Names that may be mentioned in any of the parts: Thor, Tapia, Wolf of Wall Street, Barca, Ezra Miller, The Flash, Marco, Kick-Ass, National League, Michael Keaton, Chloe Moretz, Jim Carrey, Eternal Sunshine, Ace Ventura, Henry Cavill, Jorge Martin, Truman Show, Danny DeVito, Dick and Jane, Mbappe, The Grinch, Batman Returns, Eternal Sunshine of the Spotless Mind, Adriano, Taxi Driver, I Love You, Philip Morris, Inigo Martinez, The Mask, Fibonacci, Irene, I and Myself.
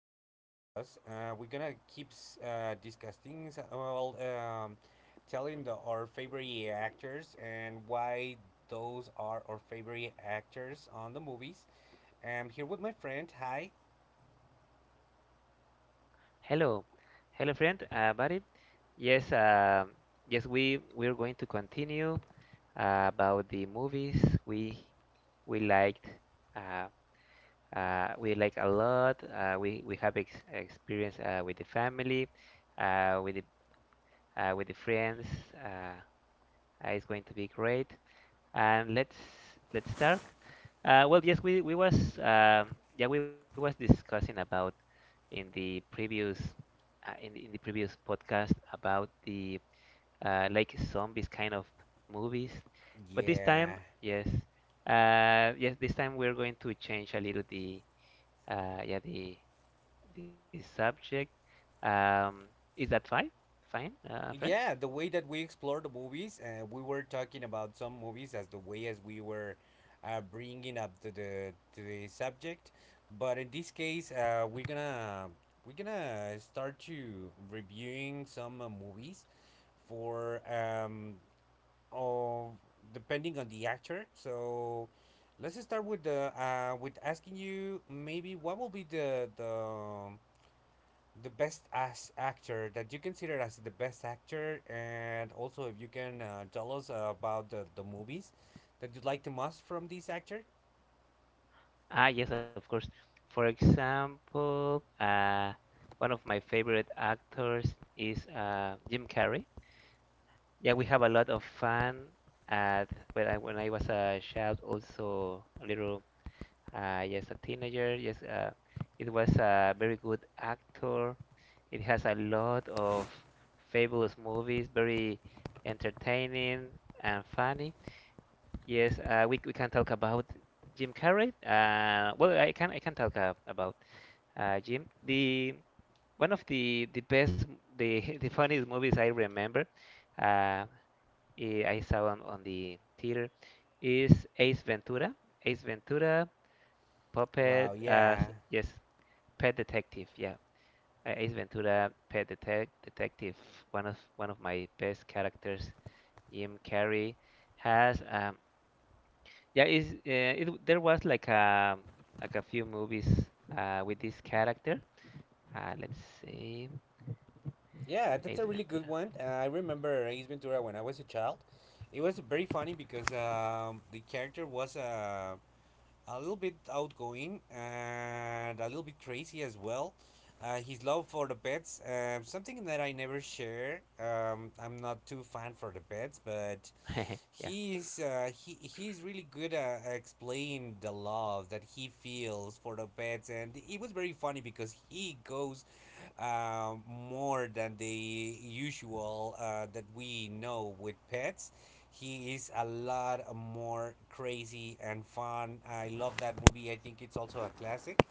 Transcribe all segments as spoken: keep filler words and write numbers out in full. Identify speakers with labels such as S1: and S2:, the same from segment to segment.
S1: being here with us. Uh, we're gonna keep s- uh, discussing, s- uh, well, um, telling the, our favorite actors and why those are our favorite actors on the movies. I'm here with my friend. Hi.
S2: Hello, hello, friend, uh, buddy. Yes, uh, yes, we we're going to continue uh, about the movies we we liked. Uh, uh, we like a lot. Uh, we we have ex experience uh, with the family, uh, with the uh, with the friends. Uh, uh, it's going to be great. And let's let's start. Uh, well, yes, we we was um yeah we was discussing about in the previous uh, in the, in the previous podcast about the uh, like zombies kind of movies. But this
S1: Yeah.
S2: time, yes, uh, yes, this time we're going to change a little the uh, yeah the the subject. Um, is that fine? Fine, uh, friend?
S1: Yeah, the way that we explore the movies, uh, we were talking about some movies as the way as we were uh, bringing up to the to the subject. But in this case uh, we're gonna we're gonna start to reviewing some uh, movies for um of depending on the actor. So let's start with the uh with asking you maybe what will be the the the best as actor that you consider as the best actor, and also if you can uh, tell us about the, the movies that you'd like the most from this actor.
S2: Ah, yes, of course. For example, uh, one of my favorite actors is uh, Jim Carrey. Yeah, we have a lot of fun at when I when I was a child, also a little uh, yes, a teenager. Yes, uh, it was a very good actor. It has a lot of fabulous movies, very entertaining and funny. Yes, uh, we we can talk about Jim Carrey. Uh, well, I can I can talk uh, about uh, Jim. The one of the the best the the funniest movies I remember. Uh, eh, I saw on, on the theater is Ace Ventura. Ace Ventura
S1: Wow,
S2: puppet uh
S1: yeah,
S2: s- yes, Pet Detective. Yeah. A- Ace Ventura Pet Detec Detective. One of one of my best characters, Jim Carrey has um yeah, is uh, it w- there was like a like a few movies uh with this character. Uh let's see.
S1: yeah, that's a
S2: Ace
S1: really good
S2: Ventura.
S1: one. Uh, I remember Ace Ventura when I was a child. It was very funny because um, the character was uh, a little bit outgoing and a little bit crazy as well. Uh, his love for the pets, um, something that I never share. Um, I'm not too fan for the pets, but
S2: Yeah.
S1: He's uh, he he's really good at explaining the love that he feels for the pets, and it was very funny because he goes um, more than the usual uh, that we know with pets. He is a lot more crazy and fun. I love that movie. I think it's also a classic.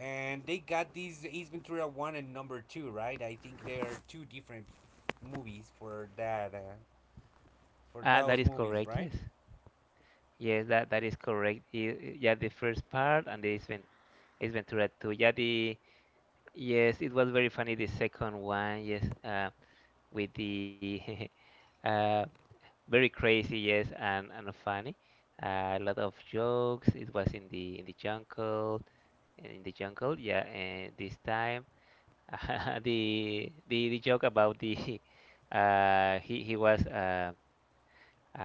S1: And they got these Ace Ventura one and number two, right? I think they are two different movies for that uh, for
S2: Uh
S1: those
S2: that is
S1: movies,
S2: correct.
S1: right?
S2: Yes. Yes, that that is correct. I- Yeah, the first part and the Ace Ace Ventura two. Yeah, the yes, it was very funny the second one. Yes, uh, with the uh, very crazy. Yes, and and funny. Uh, a lot of jokes. It was in the in the jungle, in the jungle. Yeah, and this time the the the joke about the uh, he he was uh,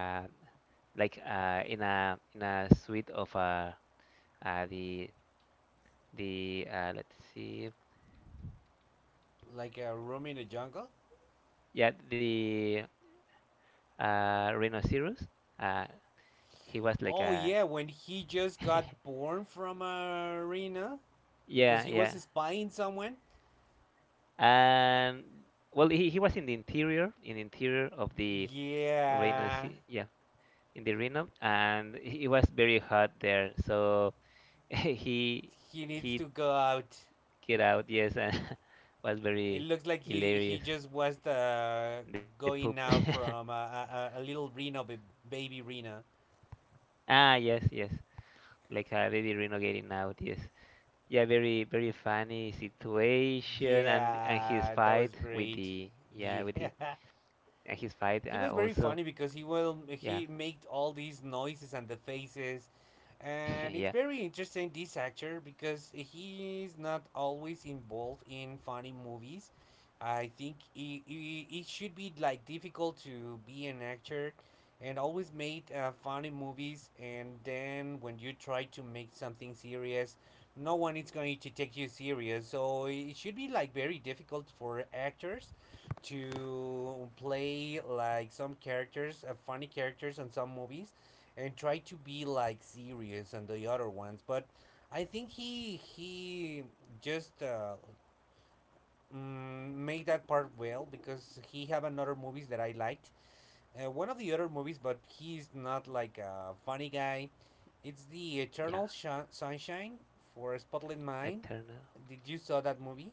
S2: uh, like uh, in a in a suite of uh, uh the the uh, let's see.
S1: Like a room in the jungle?
S2: Yeah, the uh, rhinoceros. Uh, he was like
S1: Oh
S2: a
S1: yeah, when he just got born from a arena because
S2: yeah,
S1: he was
S2: yeah.
S1: spying someone.
S2: And well, he, he was in the interior, in the interior of the
S1: Yeah,
S2: rhinoceros. Yeah, in the rhino, and it was very hot there. So he
S1: he needs to
S2: he
S1: go out.
S2: get out, yes, and was
S1: It
S2: very
S1: looks like he he
S2: hilarious.
S1: just was the
S2: The poop.
S1: going out from a, a, a little Reno ba- baby Rena.
S2: ah, yes, yes, like a baby rhino getting out. Yes. Yeah, very very funny situation and and his
S1: Yeah, that was
S2: fight with
S1: great.
S2: the
S1: Yeah,
S2: yeah with the and his fight
S1: he was
S2: uh,
S1: very funny
S2: also
S1: because he will he
S2: yeah
S1: made all these noises and the faces, and it's
S2: yeah
S1: very interesting this actor because he's not always involved in funny movies. I think it, it, it should be like difficult to be an actor and always made uh, funny movies, and then when you try to make something serious, no one is going to take you serious, so it should be like very difficult for actors to play like some characters, uh, funny characters on some movies, and try to be like serious and the other ones. But I think he he just uh, mm, made that part well, because he have another movies that I liked. Uh, one of the other movies, but he's not like a funny guy, it's the
S2: yeah
S1: eternal Shi- sunshine for a spotless mind.
S2: Eternal.
S1: Did you saw that movie?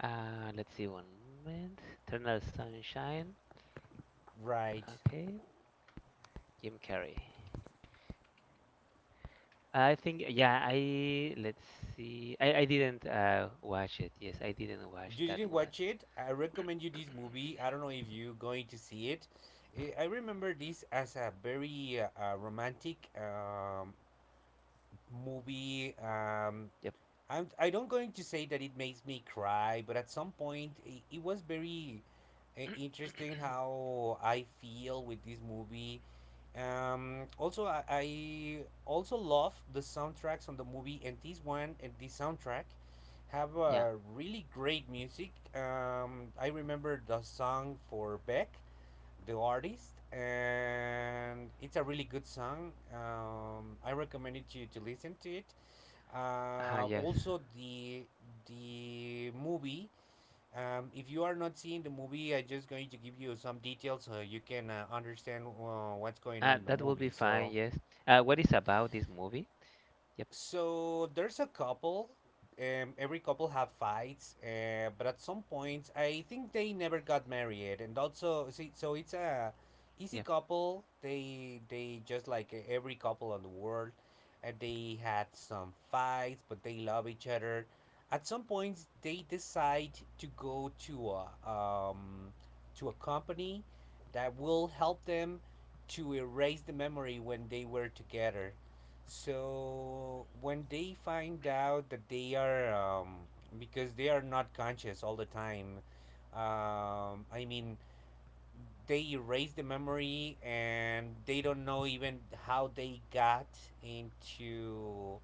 S2: Uh, let's see one moment. Eternal Sunshine.
S1: Right,
S2: Okay, Jim Carrey. I think yeah I let's see I I didn't uh watch it. Yes, I didn't watch
S1: you
S2: that
S1: didn't
S2: one.
S1: watch it, I recommend you this movie. I don't know if you're going to see it. Eh, I remember this as a very uh, uh, romantic um, movie. um,
S2: Yep.
S1: I'm, I don't going to say that it makes me cry, but at some point it, it was very uh, interesting how I feel with this movie. Um, also, I, I also love the soundtracks on the movie, and this one and this soundtrack have
S2: Yeah.
S1: a really great music. Um, I remember the song for Beck, the artist, and it's a really good song. Um, I recommended you to listen to it.
S2: Uh,
S1: Uh,
S2: yes.
S1: also, the the movie. Um, if you are not seeing the movie, I'm just going to give you some details so you can uh, understand uh, what's going on
S2: Uh,
S1: in the
S2: that will
S1: movie.
S2: be
S1: So,
S2: fine. Yes. Uh, what is about this movie? Yep.
S1: So there's a couple. Um, every couple have fights, uh, but at some point, I think they never got married, and also see, so it's a easy
S2: Yep.
S1: couple. They they just like every couple in the world, and they had some fights, but they love each other. At some point, they decide to go to a um, to a company that will help them to erase the memory when they were together. So when they find out that they are, um, because they are not conscious all the time, um, I mean, they erase the memory and they don't know even how they got into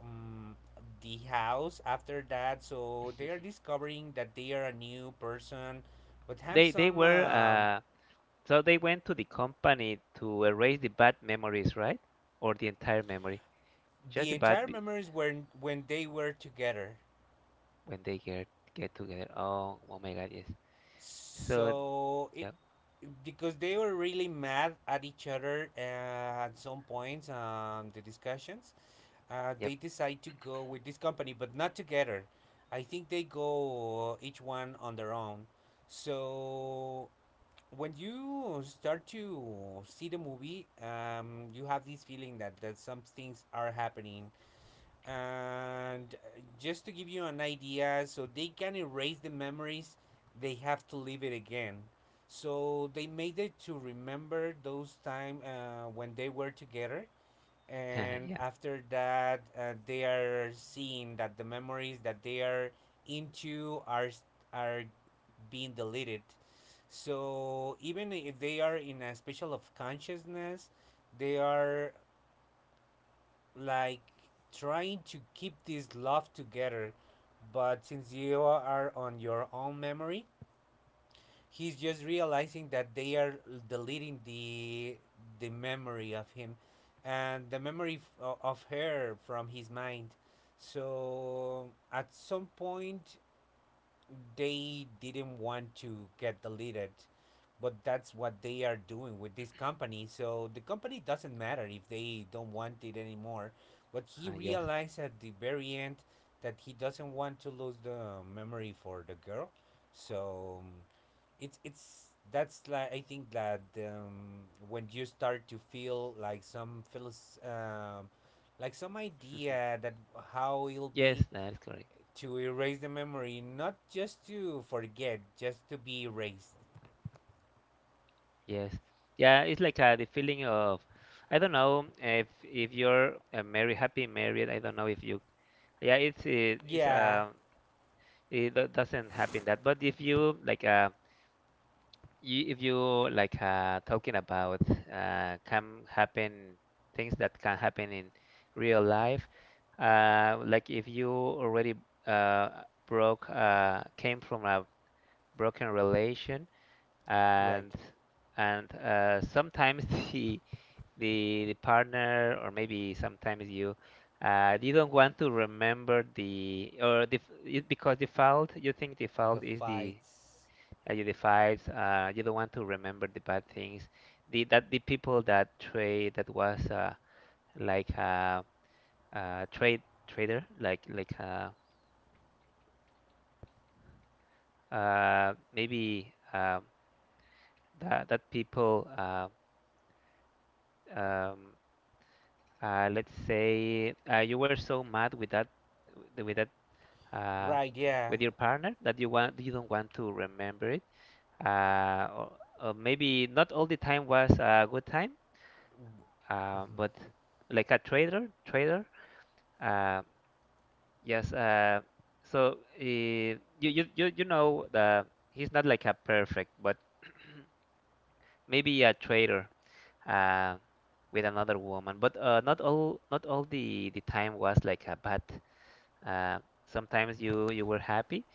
S1: um, the house after that. So they are discovering that they are a new person, but have
S2: They they
S1: some
S2: were
S1: um,
S2: uh so they went to the company to erase the bad memories, right? Or the entire memory.
S1: the
S2: Just the
S1: entire
S2: bad be-
S1: memories when when they were together.
S2: when they get get together. Oh, oh my God, yes. So,
S1: So it,
S2: yep,
S1: because they were really mad at each other, uh, at some points, um, the discussions, uh, they
S2: yep,
S1: decide to go with this company but not together. I think they go each one on their own, so when you start to see the movie um, you have this feeling that, that some things are happening, and uh, just to give you an idea, so they can erase the memories they have to live it again. So they made it to remember those time uh, when they were together, and
S2: yep,
S1: after that uh, they are seeing that the memories that they are into are are being deleted, so even if they are in a special of consciousness they are like trying to keep this love together, but since you are on your own memory he's just realizing that they are deleting the the memory of him and the memory f- o- of her from his mind, so at some point they didn't want to get deleted, but that's what they are doing with this company, so the company doesn't matter if they don't want it anymore. But
S2: uh,
S1: he
S2: yes,
S1: realized at the very end that he doesn't want to lose the memory for the girl. So um, it's it's that's like I think that um, when you start to feel like some feels, um, like some idea that how it'll
S2: yes,
S1: be
S2: that is correct.
S1: to erase the memory, not just to forget, just to be erased.
S2: Yes, yeah, it's like uh, the feeling of I don't know if if you're uh, married, happy married. I don't know if you. Yeah, it's it, it's
S1: Yeah,
S2: uh it do- doesn't happen that, but if you like uh you, if you like uh, talking about uh, can happen things that can happen in real life, uh, like if you already uh, broke uh, came from a broken relation
S1: right.
S2: and and uh, sometimes the, the the partner or maybe sometimes you uh, you don't want to remember the or the f- it- because default you think
S1: The
S2: default is the
S1: fights.
S2: uh, you divide, uh, you don't want to remember the bad things. The that the people that trade that was uh, like a, a trade trader, like like uh, uh, maybe um that that people uh, um, uh, let's say uh, you were so mad with that with that uh,
S1: Right, yeah.
S2: with your partner that you want you don't want to remember it. Uh, or, or maybe not all the time was a good time um,
S1: Mhm,
S2: but like a trader, trader. Uh, yes. Uh, so uh, you you you you know the he's not like a perfect, but maybe a trader uh, with another woman. But uh, not all not all the the time was like a bad. Uh, sometimes you you were happy.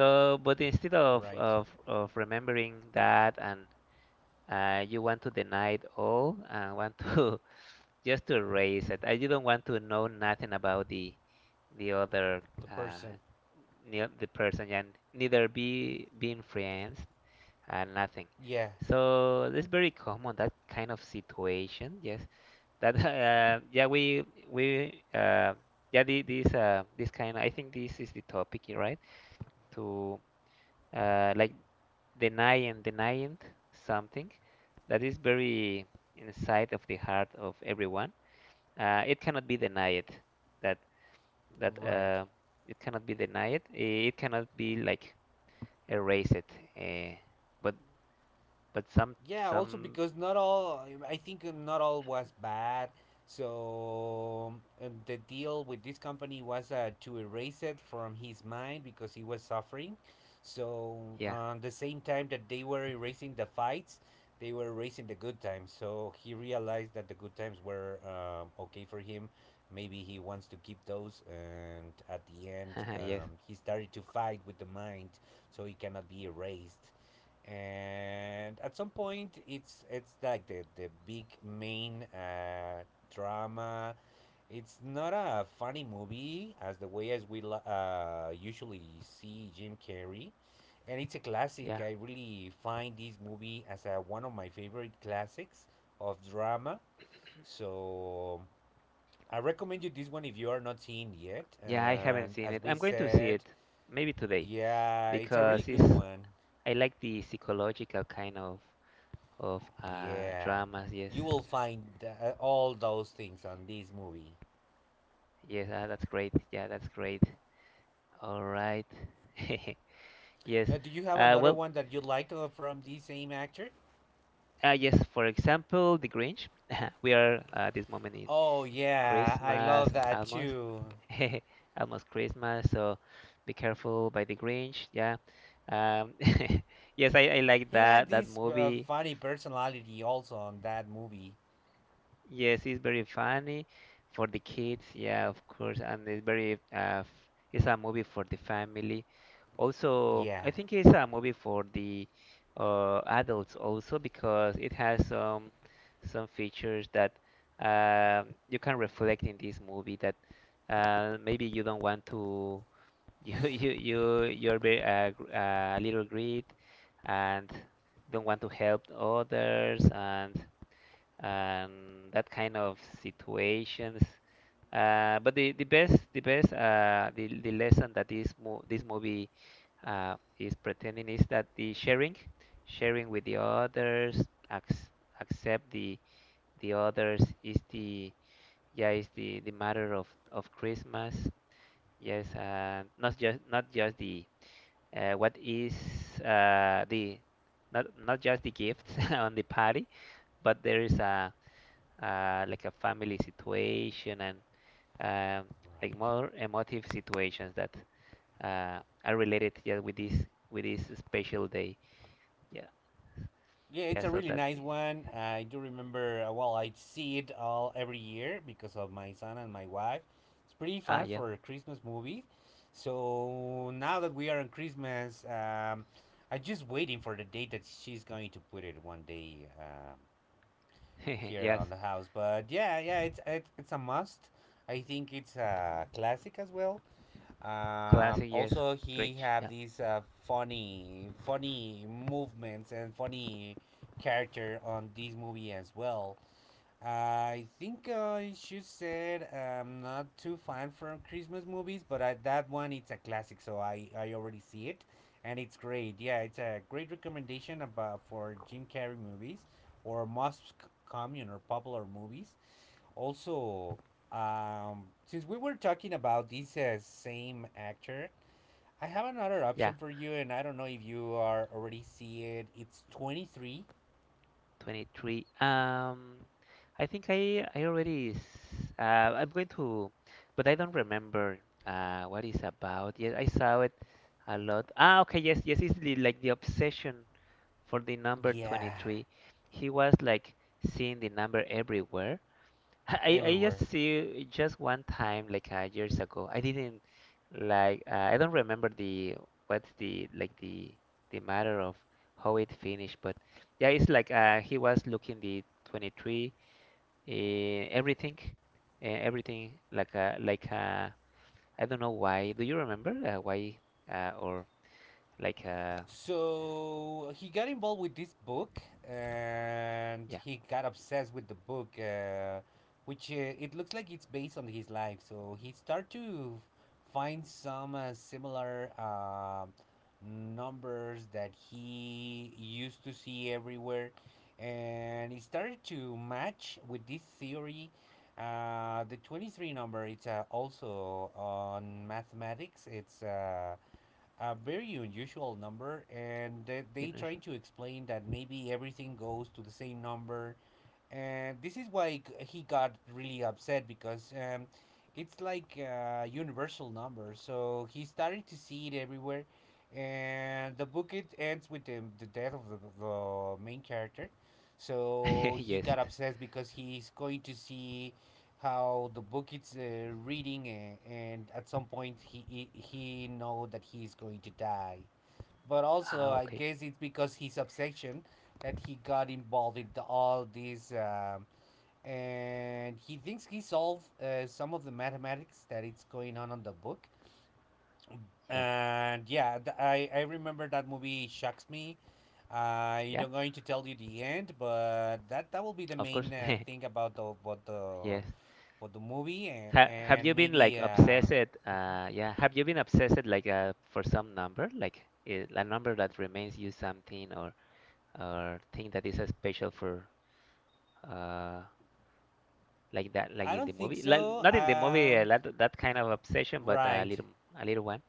S2: So, but instead of
S1: right.
S2: of of remembering that and uh, you want to deny it all and want to just to erase it. I you don't want to know nothing about the the other
S1: The
S2: uh,
S1: person.
S2: ne the person, and neither be being friends and nothing.
S1: Yeah,
S2: So it's very common that kind of situation. Yes, that uh, yeah we we uh, yeah the, this uh, this kind. I think this is the topic, you're right? To uh, like denying denying something that is very inside of the heart of everyone uh, it cannot be denied that that
S1: right.
S2: uh, it cannot be denied it cannot be like erased uh, but but some
S1: Yeah, also
S2: some
S1: because not all, I think not all was bad. So, and the deal with this company was uh, to erase it from his mind because he was suffering, so
S2: yeah
S1: on the same time that they were erasing the fights they were erasing the good times, so he realized that the good times were um, okay for him. Maybe he wants to keep those, and at the end
S2: yes
S1: um, he started to fight with the mind, so he cannot be erased. And at some point it's it's like the the big main uh, drama. It's not a funny movie as the way as we lo- uh, usually see Jim Carrey, and it's a classic.
S2: yeah
S1: I really find this movie as a, one of my favorite classics of drama. So I recommend you this one if you are not seeing yet.
S2: yeah I
S1: And
S2: haven't seen
S1: as
S2: it
S1: we
S2: I'm going to see
S1: said,
S2: it maybe today
S1: yeah, it's a really
S2: because
S1: good
S2: it's
S1: one.
S2: I like the psychological kind of of uh,
S1: Yeah,
S2: dramas yes
S1: you will find uh, all those things on this movie.
S2: yes ah, that's great yeah that's great all right yes
S1: Uh, do you have
S2: uh,
S1: another
S2: well
S1: one that you liked uh, from the same actor?
S2: Uh, yes, for example, The Grinch. We are at this moment in
S1: Oh yeah, I love
S2: Christmas
S1: that
S2: almost,
S1: too.
S2: almost Christmas. So be careful by The Grinch. Yeah. Um, yes, I, I like
S1: He had
S2: that that
S1: this uh,
S2: movie.
S1: funny personality also on that movie.
S2: Yes, it's very funny for the kids, yeah, of course, and it's very uh, f- it's a movie for the family. Also,
S1: Yeah.
S2: I think it's a movie for the uh, adults also because it has some some features that uh, you can reflect in this movie that uh, maybe you don't want to you you you you're very uh, gr- uh, a little greed and don't want to help others and and that kind of situations. Uh, but the, the best the best uh, the, the lesson that this mo this movie uh, is pretending is that the sharing sharing with the others ac accept the the others is the yeah is the, the matter of, of Christmas yes uh, not just not just the uh, what is uh, the not not just the gifts on the party but there is a uh, like a family situation and um, like
S1: Right.
S2: more emotive situations that uh, are related yeah with this with this special day yeah
S1: Yeah, it's
S2: yeah
S1: a
S2: so
S1: really
S2: that's
S1: nice
S2: the
S1: one. I do remember. uh, Well, I see it all every year because of my son and my wife. It's pretty
S2: ah
S1: fun
S2: yeah
S1: for a Christmas movie. So now that we are on Christmas, um, I'm just waiting for the date that she's going to put it one day um, here
S2: yes
S1: on the house. But yeah, yeah, it's it's, it's a must. I think it's a classic as well. Um,
S2: classic yes
S1: also, he
S2: cringe
S1: have
S2: yeah
S1: these uh, funny, funny movements and funny character on this movie as well. I think I should said I'm not too fan from Christmas movies, but I, that one it's a classic, so I, I already see it, and it's great. Yeah, it's a great recommendation about for Jim Carrey movies or most c- common or popular movies. Also, um, since we were talking about this uh, same actor, I have another
S2: yeah
S1: option for you, and I don't know if you are already see it. It's twenty-three.
S2: twenty three um I think I I already s- uh, I'm going to but I don't remember uh what it's about yes I saw it a lot ah okay yes yes it's the, like the obsession for the number
S1: Yeah,
S2: twenty three, he was like seeing the number everywhere. I, I just
S1: everywhere.
S2: see just one time like uh, years ago. I didn't like uh, I don't remember the what's the like the the matter of how it finished, but yeah, it's like uh, he was looking the twenty three uh, everything uh, everything like uh, like uh, I don't know why. Do you remember uh, why uh, or like uh,
S1: So he got involved with this book, and
S2: yeah,
S1: he got obsessed with the book, uh, which uh, it looks like it's based on his life. So he started to find some uh, similar um numbers that he used to see everywhere, and he started to match with this theory. Uh, the twenty-three number it's uh, also on mathematics it's uh, a very unusual number, and they,
S2: you
S1: they
S2: know.
S1: trying to explain that maybe everything goes to the same number. And this is why g- he got really upset because um, it's like a universal number, so he started to see it everywhere. And the book it ends with the, the death of the, the main character, so he
S2: Yes.
S1: got upset because he's going to see how the book it's uh, reading, and, and at some point he, he he know that he's going to die. But also,
S2: Ah,
S1: I
S2: okay.
S1: guess it's because his obsession that he got involved in the- all these, um, and he thinks he solved uh, some of the mathematics that it's going on on the book.
S2: Yeah,
S1: And yeah, th- I I remember that movie shocks me. I
S2: yeah,
S1: don't going to tell you the end, but that that will be the
S2: of course.
S1: main uh, thing about the about the
S2: Yes.
S1: about the movie, and,
S2: Ha have
S1: and
S2: you been like
S1: maybe uh,
S2: obsessed? Uh, yeah, have you been obsessed like uh, for some number, like i- a number that remains you something or or thing that is uh, special for uh like that, like
S1: I
S2: in the
S1: don't think
S2: movie, like
S1: so.
S2: not in the movie, uh,
S1: Um,
S2: that that kind of obsession, but a
S1: right.
S2: little a little one.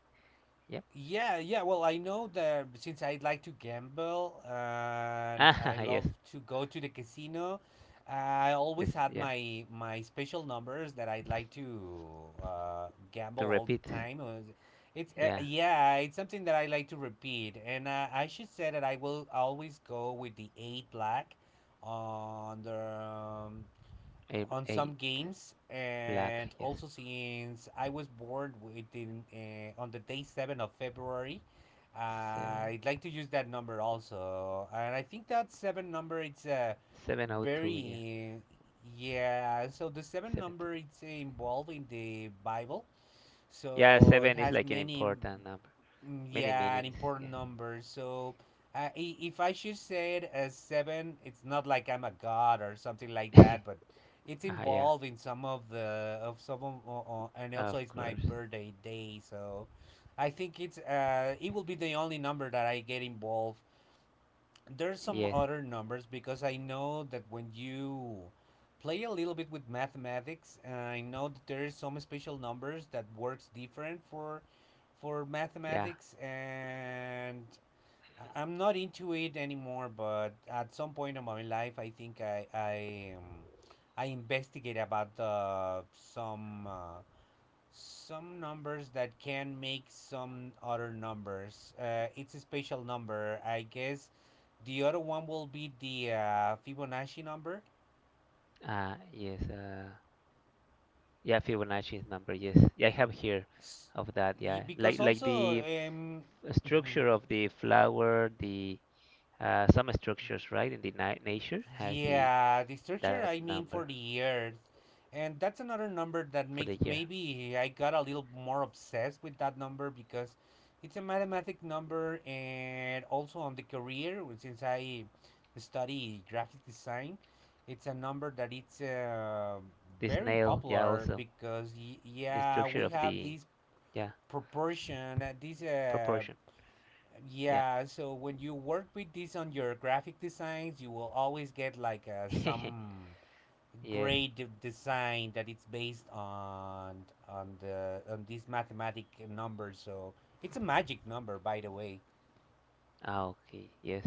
S2: Yep.
S1: Yeah, yeah. Well, I know that since I like to gamble and I
S2: Ah,
S1: love
S2: yes,
S1: to go to the casino, I
S2: yes,
S1: always had
S2: yeah.
S1: my my special numbers that I'd like to uh, gamble
S2: To
S1: all the
S2: repeat,
S1: time. Uh, It's uh,
S2: yeah,
S1: yeah, it's something that I like to repeat, and uh, I should say that I will always go with the eight black on the um,
S2: a
S1: on
S2: a
S1: some games.
S2: black,
S1: And
S2: yes,
S1: also, since I was born within uh, on the day seven of February,
S2: seven
S1: I'd like to use that number also. And I think that seven number it's a
S2: seven oh two, yeah,
S1: very yeah. So the seven
S2: seven two.
S1: number it's involved in the Bible,
S2: Yeah,
S1: so it
S2: seven is
S1: has
S2: like an
S1: many
S2: important number.
S1: mm.
S2: Many
S1: Yeah, an
S2: meanings,
S1: important
S2: yeah.
S1: number. So, uh, i- if I should say it as seven, it's not like I'm a god or something like that, but it's
S2: uh yeah,
S1: involved in some of the of some of, uh, uh, and also
S2: of
S1: it's my
S2: course.
S1: birthday day. So I think it's uh it will be the only number that I get involved. There's some
S2: Yes,
S1: other numbers because I know that when you play a little bit with mathematics, I know that there is some special numbers that works different for for
S2: yeah.
S1: mathematics. And I- I'm not into it anymore. But at some point in my life, I think I I um, I investigate about uh, some. Uh, some numbers that can make some other numbers. Uh, it's a special number, I guess. The other one will be the uh, Fibonacci number,
S2: Uh yes, uh yeah, Fibonacci's number, yes. Yeah, I have here
S1: S-
S2: of that, yeah.
S1: y-
S2: Like
S1: because
S2: like
S1: also
S2: the
S1: um, mhm.
S2: structure of the flower, the uh some structures, right, in the ni nature has the
S1: Yeah, the
S2: that
S1: structure I mean
S2: number
S1: for the Earth. And that's another number that
S2: for the
S1: makes
S2: year.
S1: maybe I got a little more obsessed with that number because it's a mathematic number, and also on the career which since I study graphic design, it's a number that it's uh,
S2: The
S1: very
S2: snail, yeah,
S1: popular
S2: also
S1: because y-
S2: the
S1: yeah,
S2: structure
S1: we
S2: of
S1: have
S2: the
S1: this
S2: yeah,
S1: proportion, uh, this uh,
S2: proportion. Yeah.
S1: yeah. So when you work with this on your graphic designs, you will always get like uh, some
S2: Yes.
S1: great de- design that it's based on on the on these mathematic numbers. So it's a magic number, by the way.
S2: Ah, okay. Yes.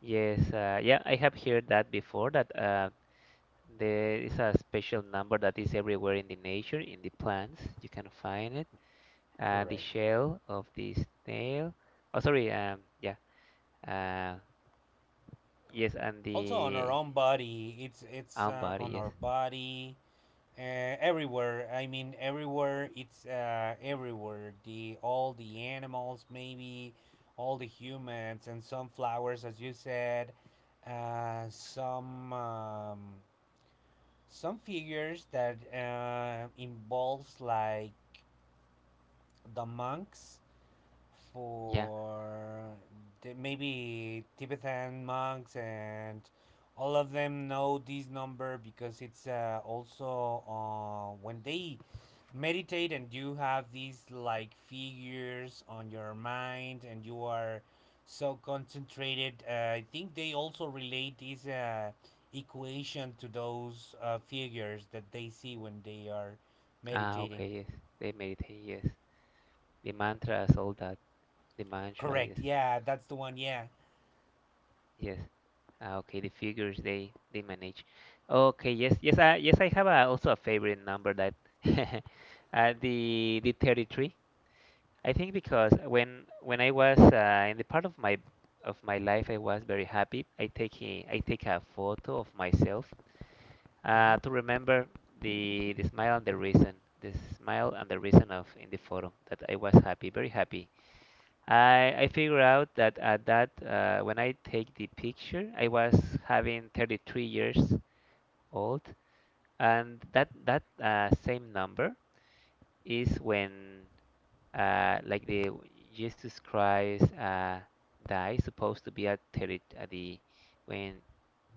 S2: Yes, uh, yeah, I have heard that before that uh, there is a special number that is everywhere in the nature, in the plants. You can find it. Uh, the
S1: Correct.
S2: shell of the snail. Oh, sorry. Um, yeah. Uh, yes, and
S1: Also on
S2: the
S1: our own body, it's it's
S2: arm
S1: uh,
S2: body.
S1: on
S2: Yes.
S1: our body. Uh, everywhere. I mean, everywhere. It's uh, everywhere. The all the animals, maybe all the humans, and some flowers, as you said. Uh, some um, some figures that uh, involves like the monks
S2: Yeah.
S1: for the, maybe Tibetan monks, and all of them know this number because it's uh, also uh, when they meditate, and you have these like figures on your mind and you are so concentrated uh, I think they also relate this uh, equation to those uh, figures that they see when they are
S2: Ah,
S1: meditating
S2: okay. Yes. They meditate. Yes. The mantras, all that. The mantras. Yes.
S1: correct. Yeah, that's the one. Yeah.
S2: Yes. Ah, okay. The figures they they manage. Okay. Yes. Yes. Uh, yes. I have a, also a favorite number that. uh, the the thirty three. I think because when when I was uh, in the part of my of my life I was very happy. I take a, I take a photo of myself
S1: Mm-hmm.
S2: uh, to remember the the smile and the reason, the smile and the reason of in the photo that I was happy, very happy. I I figure out that at that uh, when I take the picture I was having thirty-three years old, and that that uh, same number is when uh, like the Jesus Christ uh, died, supposed to be at thirty, at the when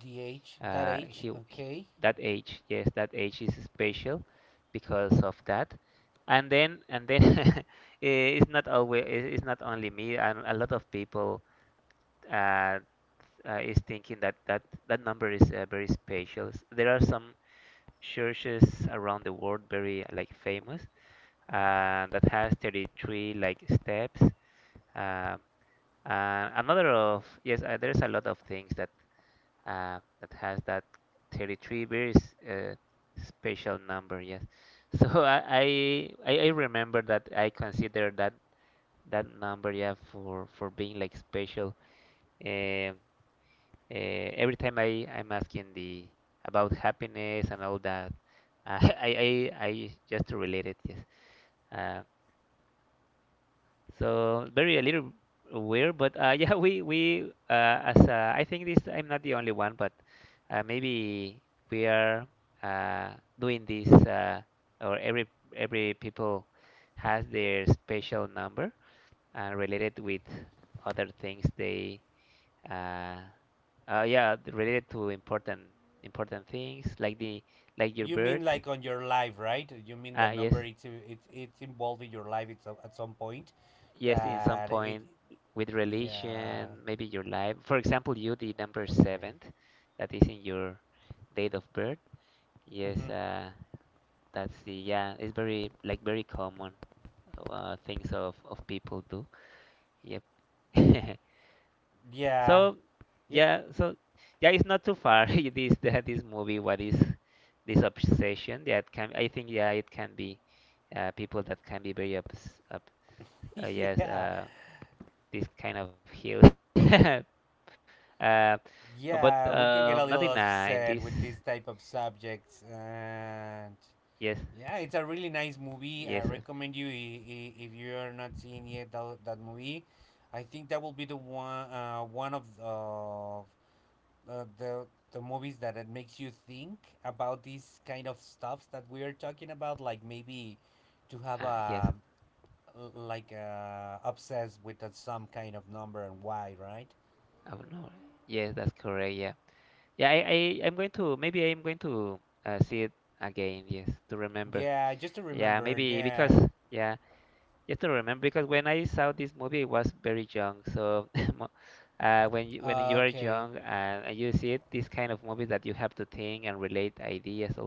S1: The age, that
S2: uh,
S1: age,
S2: he, he-
S1: okay.
S2: that age. Yes, that age is special because of that. And then and then eh, it's not always it- it's not only me. And a lot of people uh, uh, is thinking that that that number is uh, very special. S- There are some churches around the world very like famous uh, that has thirty-three like steps. Um, Uh, another of yes, uh, there's a lot of things that uh, that has that thirty-three very s- uh, special number. Yes, so I, I I remember that I consider that that number, yeah, for for being like special. Um uh, every time I I'm asking the about happiness and all that, I I I, I just relate it. Yes, uh, so very a little weird, but uh, yeah, we we uh, as uh, I think this I'm not the only one, but uh, maybe we are uh, doing this, uh, or every every people has their special number uh, related with other things they uh, uh, yeah, related to important important things like the like your
S1: You mean
S2: birth.
S1: like on your life, right? You mean the
S2: Uh, yes.
S1: number it's it's it's involved in your life, it's a- at some point
S2: Yes, in some
S1: that it
S2: point with
S1: yeah,
S2: religion, maybe your life. For example, you the number
S1: okay.
S2: seventh, that is in your date of birth. Yes,
S1: Hmm.
S2: uh, that's the yeah. It's very like very common uh, things of of people do. Yep.
S1: Yeah.
S2: So
S1: Yeah.
S2: yeah, so yeah, it's not too far. This this movie, what is this obsession? Yeah, can. I think yeah, it can be uh, people that can be very obs, ob, uh, yes,
S1: yeah.
S2: uh, this kind of hill. uh, but um, not in
S1: Yeah.
S2: uh,
S1: We
S2: in
S1: can
S2: this.
S1: get a little upset with this type of subjects.
S2: Yes,
S1: And yeah, it's a really
S2: yes,
S1: nice movie. I recommend you i- i- if you are not seeing yet that, that movie. I think that will be the one uh, one of of uh, the the movies that it makes you think about these kind of stuffs that we are talking about. Like maybe
S2: uh,
S1: to
S2: yes.
S1: have a like uh, obsessed with uh, some kind of number and why, right?
S2: Oh no, yes, that's correct. Yeah, yeah. I, I I'm going to maybe I'm going to uh, see it again. Yes, to remember.
S1: Yeah, just
S2: Yeah,
S1: to
S2: maybe
S1: remember.
S2: because
S1: Yeah.
S2: yeah, just to remember because when I saw this movie, I was very young. So mo- uh, when you, when you are
S1: Uh,
S2: young
S1: okay.
S2: and, and you see it, this kind of movies that you have to think and relate ideas, all that.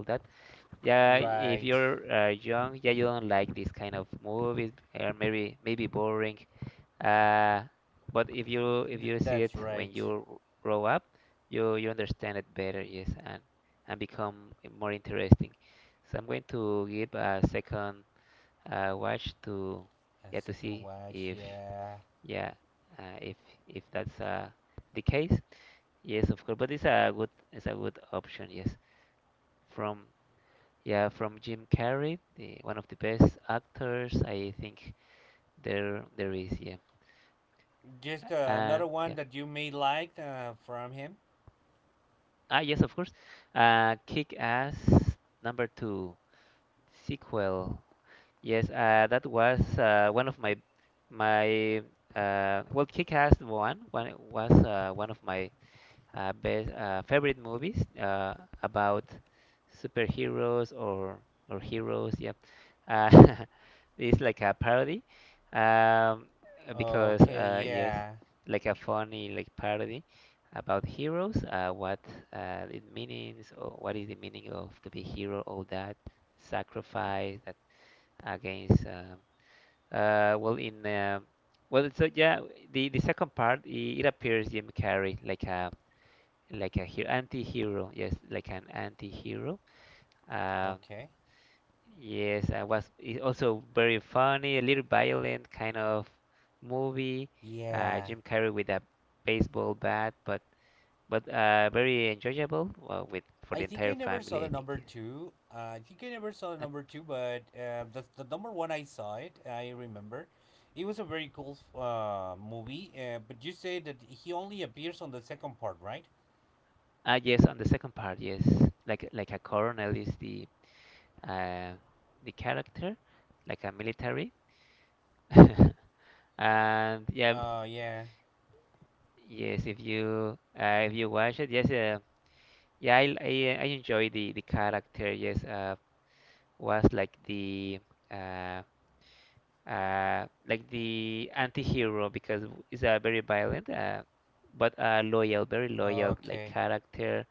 S2: Yeah, if
S1: Right.
S2: you're uh, young, yeah, you don't like this kind of movies, or maybe maybe boring. Uh, but if you if you
S1: Th-
S2: see it
S1: that's
S2: when
S1: right.
S2: you grow up, you you understand it better, yes, and and become more interesting. So I'm going to give a second uh, watch to yeah
S1: A
S2: to see
S1: second
S2: if
S1: watch. Yeah.
S2: yeah uh, if if that's uh, the case. Yes, of course, but it's a good it's a good option, yes, from yeah, from Jim Carrey, the, one of the best actors I think there there is. Yeah,
S1: Just uh,
S2: and
S1: another
S2: yeah,
S1: one that you may like uh, from him.
S2: ah yes, of course. Uh, Kick-Ass number two sequel. Yes, uh, that was uh, one of my my uh, well, Kick-Ass one one was uh, one of my uh, best uh, favorite movies uh, about superheroes or or heroes. Yeah, uh, it's like a parody um, because
S1: Okay.
S2: uh, yes,
S1: Yeah.
S2: like a funny like parody about heroes. Uh, what uh, it means or what is the meaning of to be hero? All that sacrifice that against. Um uh, well, in um well, so yeah, the the second part it, it appears Jim Carrey like a like a hero, anti-hero. Yes, like an anti-hero. Um,
S1: Okay.
S2: yes, I was it also very funny, a little violent kind of movie. Uh,
S1: Yeah.
S2: Jim Carrey with a baseball bat, but but uh, very enjoyable uh, with for
S1: I
S2: the
S1: think
S2: entire
S1: I never saw
S2: family, I
S1: the
S2: think.
S1: number
S2: Yes.
S1: two. Uh, I think I never saw the
S2: Yep.
S1: number two, but uh, the the number one I saw it. I remember. It was a very cool uh, movie. Uh, but you say that he only appears on the second part, right?
S2: Ah, yes. On the second part, yes, like like a colonel is the uh, the character, like a military. And yeah,
S1: Uh, yeah.
S2: yes, if you uh, if you watch it, yes, uh, yeah, I I, I enjoy the the character. Yes, uh, was like the uh uh like the anti-hero because it's a very violent uh but uh loyal, very loyal like
S1: Okay.
S2: character.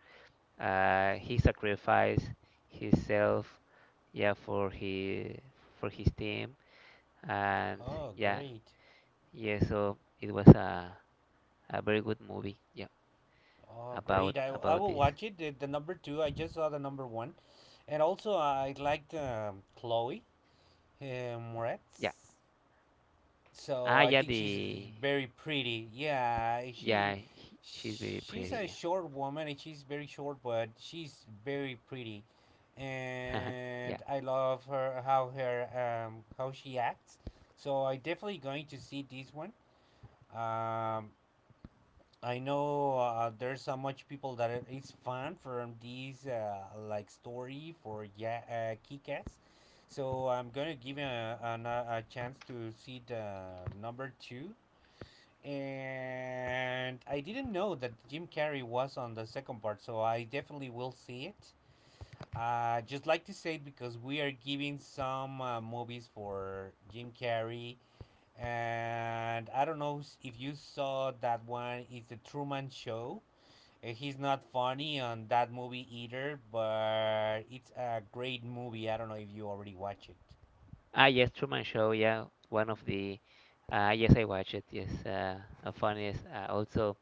S2: Uh, he sacrificed himself, yeah, for his for his team and
S1: Oh,
S2: yeah,
S1: great.
S2: yeah. So it was a a very good movie. Yeah,
S1: Oh, great.
S2: about
S1: I, I
S2: about
S1: will
S2: this.
S1: watch it. The, the number two, I just saw the number one. And also, I liked um, Chloe uh, Moretz.
S2: Yeah.
S1: So
S2: Ah,
S1: I
S2: yeah,
S1: think she's
S2: the.
S1: very pretty. Yeah, she
S2: Yeah, he- she's very
S1: she's a
S2: pretty.
S1: short woman and she's very short, but she's very pretty.
S2: Yeah. Yeah.
S1: And I love her how her um, how she acts. So I definitely going to see this one. Um, I know uh, there's so much people that it's fan from this uh, like story for yeah uh, Kick-Ass. So I'm gonna give a, an, uh, a chance to see the number two. And I didn't know that Jim Carrey was on the second part, so I definitely will see it. Uh, just like to say it because we are giving some uh, movies for Jim Carrey, and I don't know if you saw that one. It's the Truman Show. uh, He's not funny on that movie either, but it's a great movie. I don't know if you already watch it.
S2: Ah, yes, Truman Show. Yeah, one of the. Uh, yes, I watched it. Yes, uh, uh, funniest. Uh, also,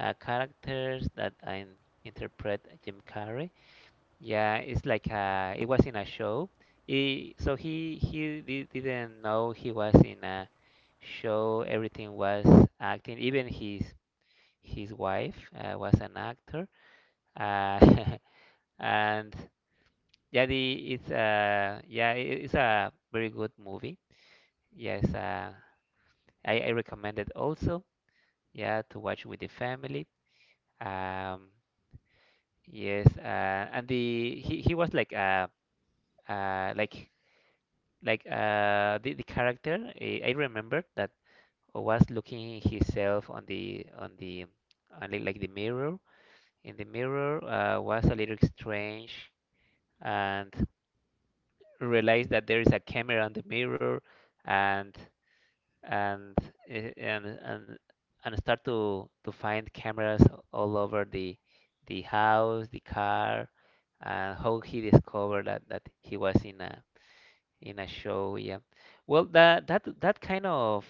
S2: uh, characters that I interpret Jim Carrey. Yeah, it's like uh, it was in a show. He, so he he di- didn't know he was in a show. Everything was acting. Even his his wife uh, was an actor. Uh, and yeah, the it's uh yeah i- it's a very good movie. Yes, uh, I I recommend it also. Yeah, to watch with the family. Um, yes, uh, and the he he was like uh uh like like uh the the character I, I remember that was looking himself on the on the on the, like the mirror. In the mirror uh, was a little strange and realized that there is a camera on the mirror and and i- and and and start to to find cameras all over the the house, the car, and how he discovered that that he was in a in a show. Yeah. Well, that that that kind of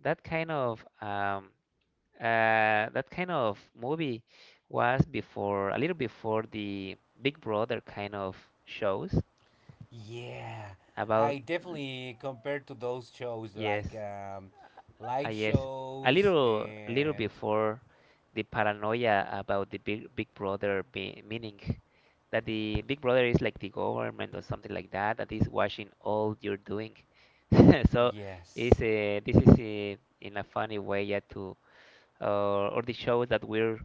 S2: that kind of um uh that kind of movie was before a little before the Big Brother kind of shows
S1: Yeah,
S2: about
S1: I definitely compared to those shows
S2: yes.
S1: like um,
S2: Ah,
S1: live
S2: yes. A
S1: shows
S2: little, a little
S1: and
S2: before the paranoia about the big, big brother be, meaning that the big brother is like the government or something like that, that is watching all you're doing. So it's
S1: yes,
S2: uh, this is uh, in a funny way, yeah, to uh, or the shows that we're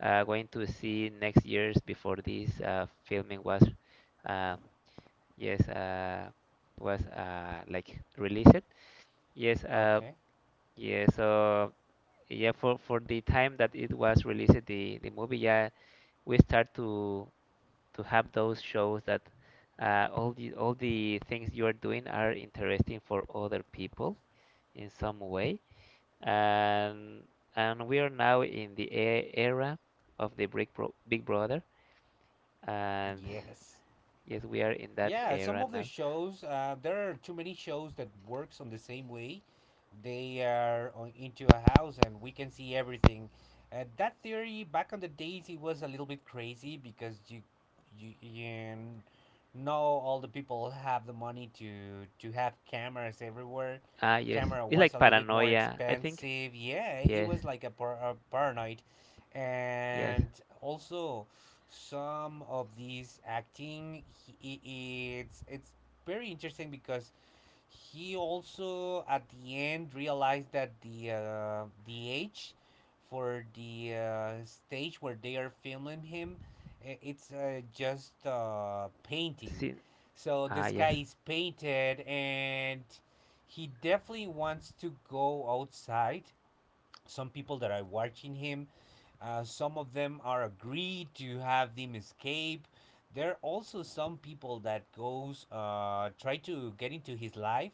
S2: uh, going to see next years before this uh, filming was, uh, yes, uh, was uh, like released. Yes, uh,
S1: okay,
S2: yes. So yeah for for the time that it was released the the movie yeah we start to to have those shows that uh, all the all the things you are doing are interesting for other people in some way and and we are now in the e- era of the big, bro- big brother and
S1: yes.
S2: yes we are in that
S1: Yeah, some
S2: era
S1: of the
S2: now.
S1: shows, uh, there are too many shows that works on the same way. They are on, into a house, and we can see everything. Uh, that theory back on the days it was a little bit crazy because you you, you know all the people have the money to to have cameras everywhere.
S2: Ah yes
S1: Camera
S2: it's like
S1: was a little bit more
S2: paranoia I think.
S1: expensive. Yeah, it
S2: Yes,
S1: was like a, par- a paranoid.
S2: yes,
S1: And also some of these acting he, i- it's it's very interesting because he also at the end realized that the uh, the age for the uh, stage where they are filming him i- it's uh, just uh, painting,
S2: see,
S1: so the
S2: ah yes,
S1: sky is painted, and he definitely wants to go outside. Some people that are watching him, uh, some of them are agreed to have them escape. There are also some people that goes uh, try to get into his life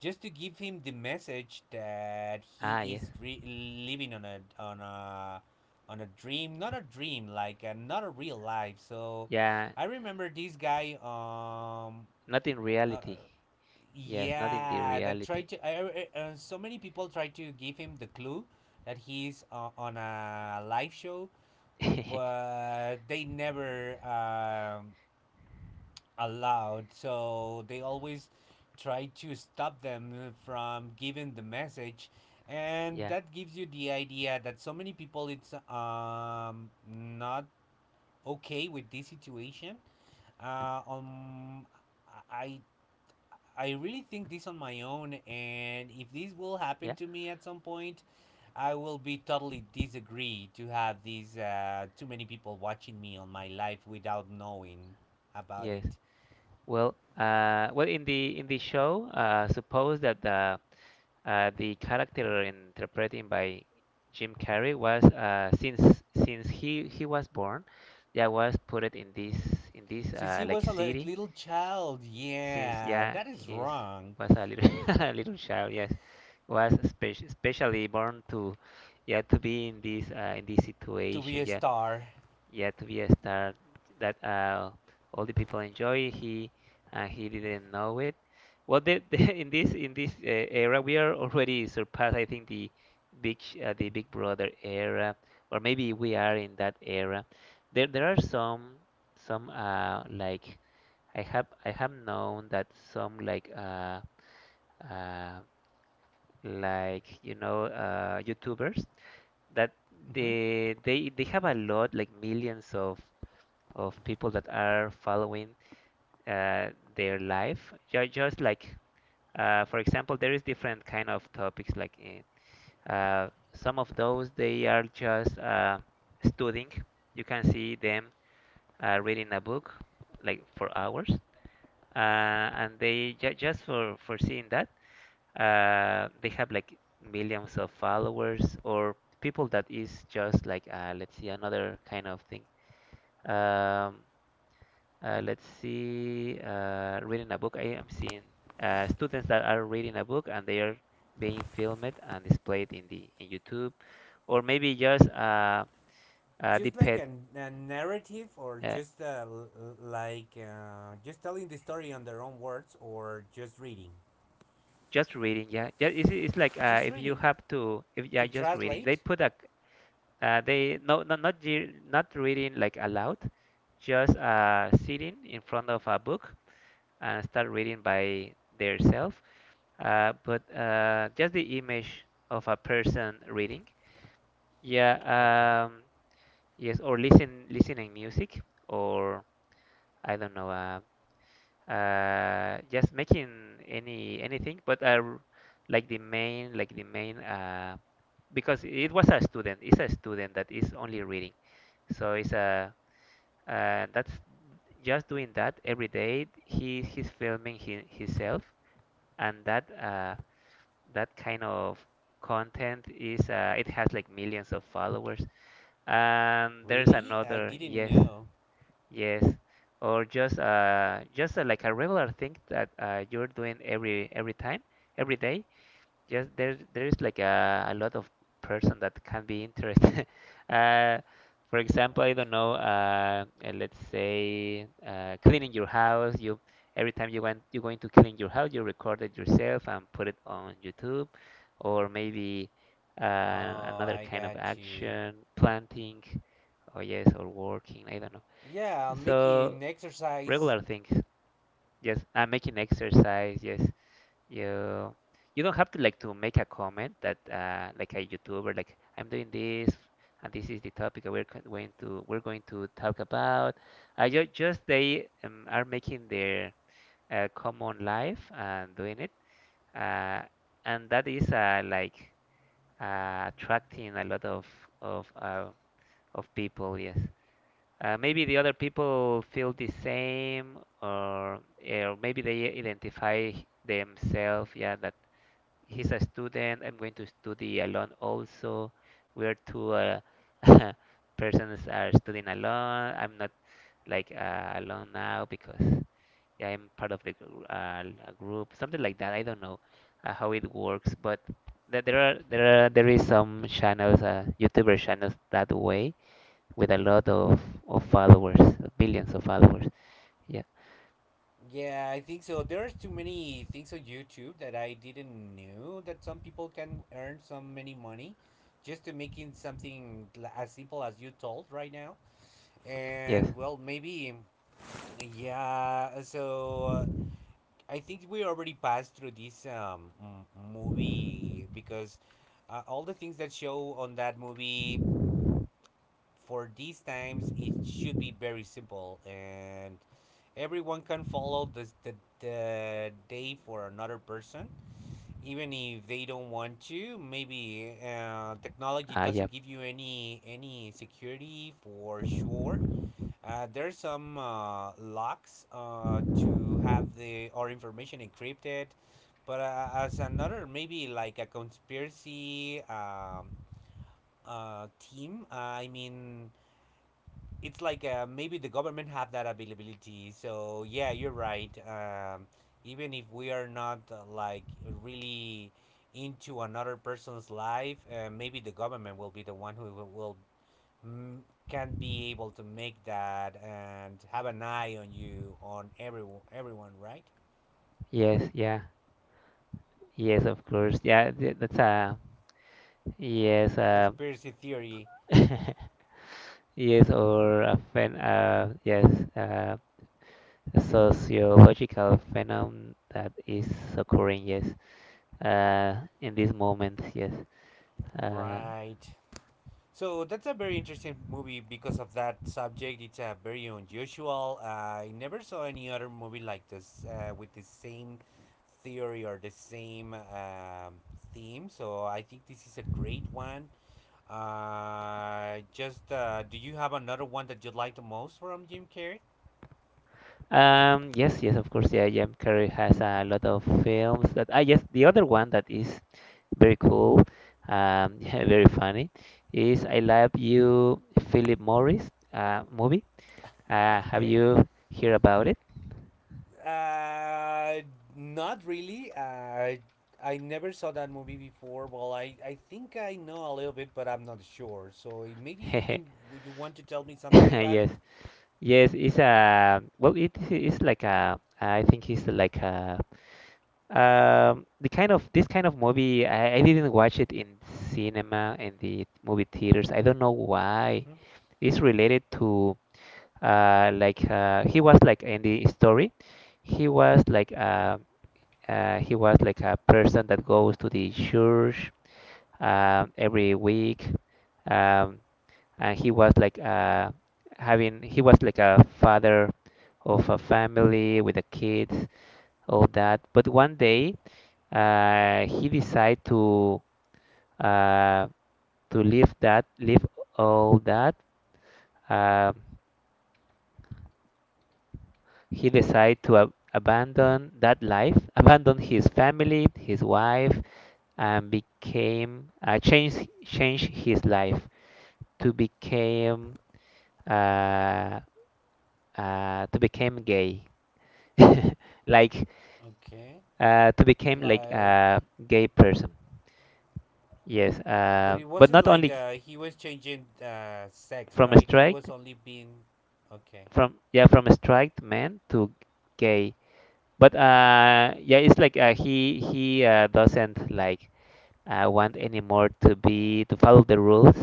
S1: just to give him the message that he
S2: ah yes,
S1: is re- living on a on a on a dream, not a dream, like uh, not a real life. So
S2: yeah.
S1: I remember this guy um,
S2: Not in
S1: uh,
S2: reality. Yes, not in the
S1: yeah, that
S2: reality.
S1: tried to. I, I- uh, so many people try to give him the clue that he's uh, on a live show, but they never um, allowed. So they always try to stop them from giving the message,
S2: Yeah,
S1: and that gives you the idea that so many people it's um not okay with this situation. Uh, um, I I really think this on my own, and if this will
S2: yeah,
S1: happen to me at some point, I will be totally disagree to have these uh, too many people watching me on my life without knowing about
S2: yes.
S1: it.
S2: Well, uh, well, in the in the show, uh, suppose that the uh, the character interpreting by Jim Carrey was uh, since since he he was born, yeah, was put it in this in this
S1: Since
S2: uh,
S1: he
S2: like
S1: was a
S2: city
S1: little child,
S2: since
S1: yeah,
S2: yeah
S1: that is
S2: he is-
S1: wrong
S2: was a little a little child, yes, was spec- specially born to yeah to be in this uh, in this
S1: to be
S2: situation,
S1: a
S2: yeah,
S1: star.
S2: yet to be a star that uh, all the people enjoy. He and he didn't know it. Well, the, the, in this in this uh, era, we are already surpassed. I think the big Sh- uh, the Big Brother era, or maybe we are in that era. There there are some some uh, like I have I have known that some like uh, uh, like you know uh, YouTubers that
S1: Hmm.
S2: they they they have a lot like millions of of people that are following uh, their life. Ju- Just like, uh, for example, there is different kind of topics. Like uh, uh, some of those they are just uh, studying. You can see them uh, reading a book like for hours, uh, and they ju- just for for seeing that uh, they have like millions of followers or people that is just like uh, let's see another kind of thing. Um, Uh, let's see, uh, reading a book. I am seeing uh, students that are reading a book and they are being filmed and displayed in the in YouTube, or maybe just uh, uh, the
S1: Just like
S2: pet
S1: a a narrative, or
S2: uh,
S1: just uh, like uh, just telling the story on their own words, or just reading.
S2: just reading. Yeah, yeah. It's, it's like uh,
S1: Just
S2: if you
S1: reading
S2: have to, if yeah,
S1: to
S2: just reading. They
S1: translate.
S2: put a uh, they no not not ge- not reading like aloud, just uh, sitting in front of a book and start reading by themselves. Uh, but uh, just the image of a person reading. Yeah,
S1: Okay.
S2: um, yes, or listen listening music, or I don't know, uh, uh, just making any anything. But uh, like the main, like the main, uh, because it was a student, it's a student that is only reading. So it's a uh, that's just doing that every day. He he's filming hi himself, and that uh, that kind of content is uh, it has like millions of followers. And there's
S1: Really? I
S2: another
S1: didn't
S2: yes,
S1: know.
S2: yes, or just uh just uh, like a regular thing that uh, you're doing every every time, every day. Yes, there there is like a, a lot of person that can be interested. uh, for example, I
S1: Right.
S2: don't know. Uh, uh, let's say uh, cleaning your house. You Every time you went you're going to clean your house, you record it yourself and put it on YouTube, or maybe uh,
S1: Oh,
S2: another
S1: I
S2: kind of
S1: got you.
S2: action, planting. Oh yes, or working. I don't know.
S1: Yeah, I'll make it
S2: So
S1: an exercise.
S2: regular things. Yes, and making exercise. Yes. You you don't have to like to make a comment that uh, like a YouTuber, like I'm doing this, and this is the topic that we're co- going to we're going to talk about. I ju just they um, are making their uh, common life and doing it, uh, and that is uh, like uh, attracting a lot of of uh, of people. Yes. Uh, maybe the other people feel the same, or or maybe they identify themselves. Yeah, that he's a student. I'm going to study alone also. We are two uh, persons are studying alone. I'm not like uh, alone now because yeah, I'm part of the gr- uh, a group, something like that. I don't know uh, how it works, but there there are there are there is some channels, uh, YouTuber channels that way, with a lot of of followers, billions of followers. Yeah.
S1: Yeah, I think so. There's too many things on YouTube that I didn't know that some people can earn so many money just to making something l- as simple as you told right now. And
S2: Yes.
S1: well, maybe yeah. So uh, I think we already passed through this um m- movie because uh, all the things that show on that movie for these times it should be very simple, and everyone can follow the the, the day for another person. Even if they don't want to, maybe uh, technology
S2: Ah.
S1: doesn't
S2: Yep.
S1: give you any any security for sure. Uh, there's some uh, locks uh, to have the our information encrypted, but uh, as another maybe like a conspiracy um, uh, team I mean, it's like uh, maybe the government have that availability. So yeah, you're right. Um, even if we are not uh, like really into another person's life, uh, maybe the government will be the one who will, will mm, can be able to make that and have an eye on you on everyone, everyone, right?
S2: Yes. Yeah. Yes. Of course. Yeah. th- That's a yes. Um.
S1: Conspiracy theory,
S2: Yes, or a phen uh, yes, uh, sociological phenomenon that is occurring, yes, uh, in this moment, yes. Uh,
S1: right? So that's a very interesting movie because of that subject. It's a very unusual. I never saw any other movie like this uh, with the same theory or the same um, theme. So I think this is a great one. Uh, just uh, do you have another one that you like the most from Jim Carrey?
S2: um, yes, yes, of course, yeah, Jim Carrey has a lot of films that, ah, yes, the other one that is very cool, um, yeah, very funny, is I Love You, Philip Morris, uh, movie. Uh, have
S1: Okay.
S2: you heard about it?
S1: Uh, not really. Uh, I never saw that movie before. Well, I, I think I know a little bit, but I'm not sure. So maybe you can. Would you want to tell me something about it?
S2: Yes. Yes, it's a well, it is it's like a I think it's like a um the kind of this kind of movie I, I didn't watch it in cinema in the movie theaters. I don't know why.
S1: Hmm.
S2: It's related to uh like uh he was like in the story, he was like uh, uh he was like a person that goes to the church um every week. Um and he was like uh, having he was like a father of a family with a kid, all that. But one day uh, he decided to uh, to leave that leave all that. Uh, he decided to ab- abandon that life, abandon his family, his wife, and became uh, change change his life to became uh, uh, to became gay. like
S1: Okay.
S2: uh, to become like
S1: Like,
S2: a gay person. Yes,
S1: but
S2: uh,
S1: it
S2: but
S1: wasn't
S2: not
S1: like
S2: only
S1: uh, he was changing uh, sex,
S2: from a
S1: right? He was
S2: straight,
S1: only being. Okay.
S2: from yeah, from a straight man to gay. But uh, yeah, it's like uh, he he uh, doesn't like uh, want anymore to be to follow the rules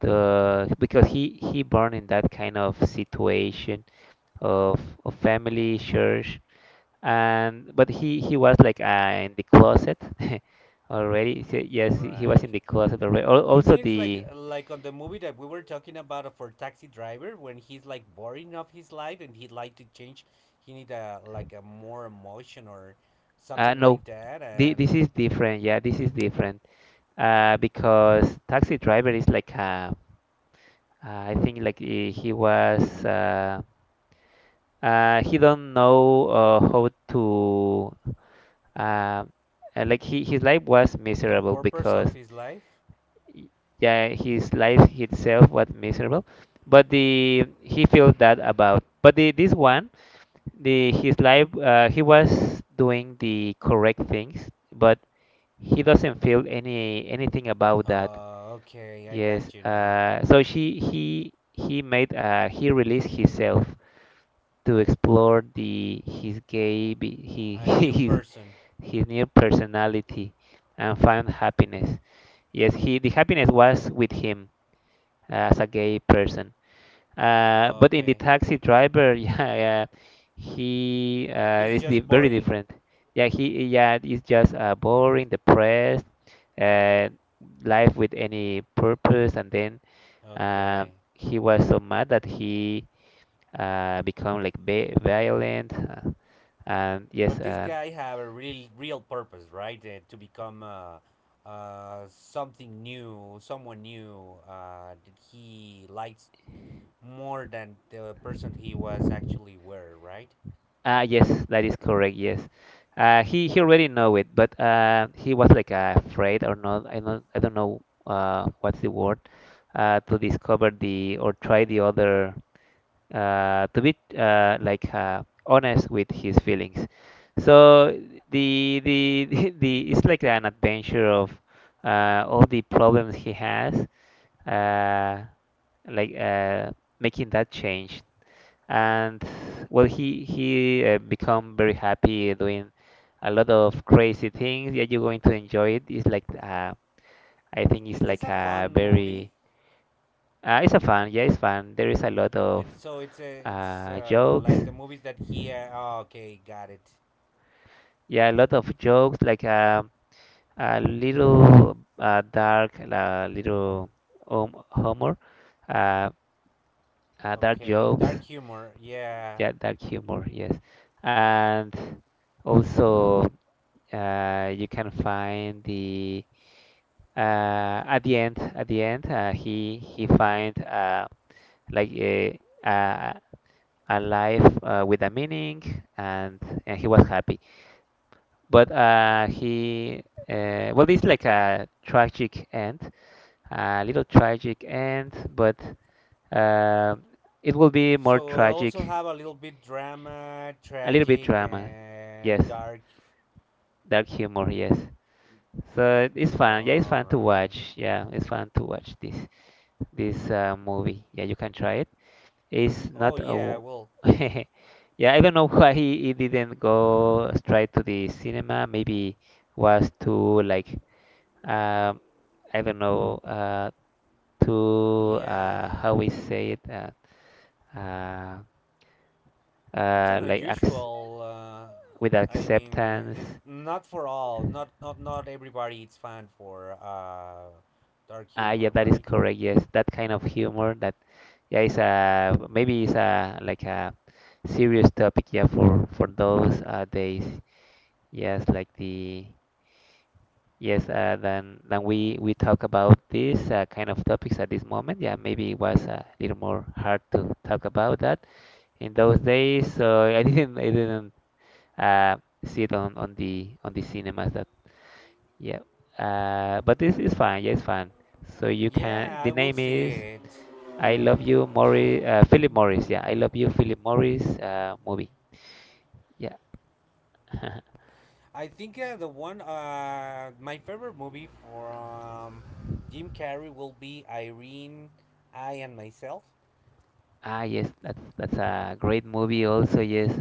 S2: to, because he he born in that kind of situation of of family church. And but he he was like uh, in the closet already. So, yes, he was
S1: Right.
S2: in the closet already. Al-
S1: You
S2: Also
S1: mean it's like
S2: the
S1: like on the movie that we were talking about for Taxi Driver when he's like boring of his life and he'd like to change, he need a like a more emotion or
S2: uh,
S1: something
S2: no,
S1: like that,
S2: the,
S1: and
S2: this is different. Yeah, this is different uh, because taxi driver is like uh, uh, I think like he, he was uh, uh, he don't know uh, how to uh, uh, like he, his life was
S1: the
S2: miserable
S1: purpose of
S2: because
S1: his life.
S2: y- yeah, his life itself was miserable, but the he felt that about but the this one, the his life uh, he was doing the correct things, but he doesn't feel any anything about that.
S1: Uh, okay, I
S2: Yes,
S1: got you now.
S2: uh, so she he he made uh, he released himself to explore the his gay be- he
S1: A new
S2: his
S1: person.
S2: his new personality and find happiness. Yes, he the happiness was with him as a gay person. Uh, but in the
S1: Okay,
S2: taxi driver, yeah, uh, he uh,
S1: he's
S2: is di
S1: just
S2: very
S1: boring.
S2: different. Yeah, he yeah is just uh, boring, depressed, uh, life with any purpose, and then uh,
S1: Okay,
S2: he was so mad that he uh, become like ba violent. Uh, and yes,
S1: but this
S2: uh,
S1: guy have a real real purpose, right? Uh, to become uh, uh, something new, someone new uh, that he likes more than the person he was actually were, right?
S2: uh, yes, that is correct. Yes, uh, he he already know it, but uh, he was like uh, afraid or not. I don't I don't know uh, what's the word uh, to discover the or try the other uh, to be uh, like uh, honest with his feelings. So the the the the it's like an adventure of uh, all the problems he has, uh, like uh, making that change. And well, he he uh, become very happy doing a lot of crazy things. Yeah, you're going to enjoy it. It's like uh, I think
S1: Is
S2: it's
S1: this
S2: like
S1: a
S2: a
S1: fun movie?
S2: very uh, it's a fun, yeah, it's fun. There is a lot of
S1: It's so it's a it's
S2: uh,
S1: uh,
S2: jokes,
S1: like the movies that he. Uh, oh, okay, got it.
S2: yeah, a lot of jokes like um a little uh, dark uh, little um, humor, uh, uh, dark
S1: Okay, dark
S2: jokes,
S1: humor. Yeah.
S2: yeah, dark humor, yes. And also uh, you can find the uh, at the end, at the end uh, he he find uh, like a, a a life uh, with a meaning, and and he was happy. But uh, he uh, well, it's like a tragic end, a little tragic end. But um it will be more
S1: So I also
S2: tragic.
S1: have a little bit drama,
S2: A little bit
S1: tragic,
S2: drama,
S1: and
S2: yes,
S1: dark.
S2: dark humor, yes, so it's fun, yeah, it's
S1: All
S2: fun to
S1: right.
S2: watch, yeah, it's fun to watch this this uh, movie. Yeah, you can try it. It's
S1: Oh
S2: not a.
S1: yeah.
S2: w-
S1: Well,
S2: yeah, I don't know why it didn't go straight to the cinema. Maybe was too like um, I don't know uh, too uh,
S1: yeah.
S2: how we say it uh, uh,
S1: It's
S2: uh,
S1: an
S2: like ac
S1: unusual.
S2: with
S1: Uh, I mean, it's
S2: acceptance.
S1: not for all. Not not not everybody. It's fine for uh, dark
S2: Ah, yeah,
S1: humor,
S2: that is
S1: right?
S2: correct. Yes, that kind of humor that yeah is a maybe it's a like a serious topic, yeah, for for those uh, days. Yes, like the yes, uh, then then we we talk about this uh, kind of topics at this moment. Yeah, maybe it was a little more hard to talk about that in those days. So I didn't I didn't uh, see it on, on the on the cinemas. That Yeah, uh, but this is fine. Yeah, it's fine. So you can.
S1: Yeah,
S2: The
S1: I will
S2: name
S1: see
S2: is
S1: it.
S2: I Love You, Morris. Uh, Philip Morris. Yeah, I Love You, Philip Morris. Uh, movie. Yeah.
S1: I think uh, the one uh, my favorite movie from Jim Carrey will be Irene, I and myself.
S2: Ah, yes, that's that's a great movie also, yes.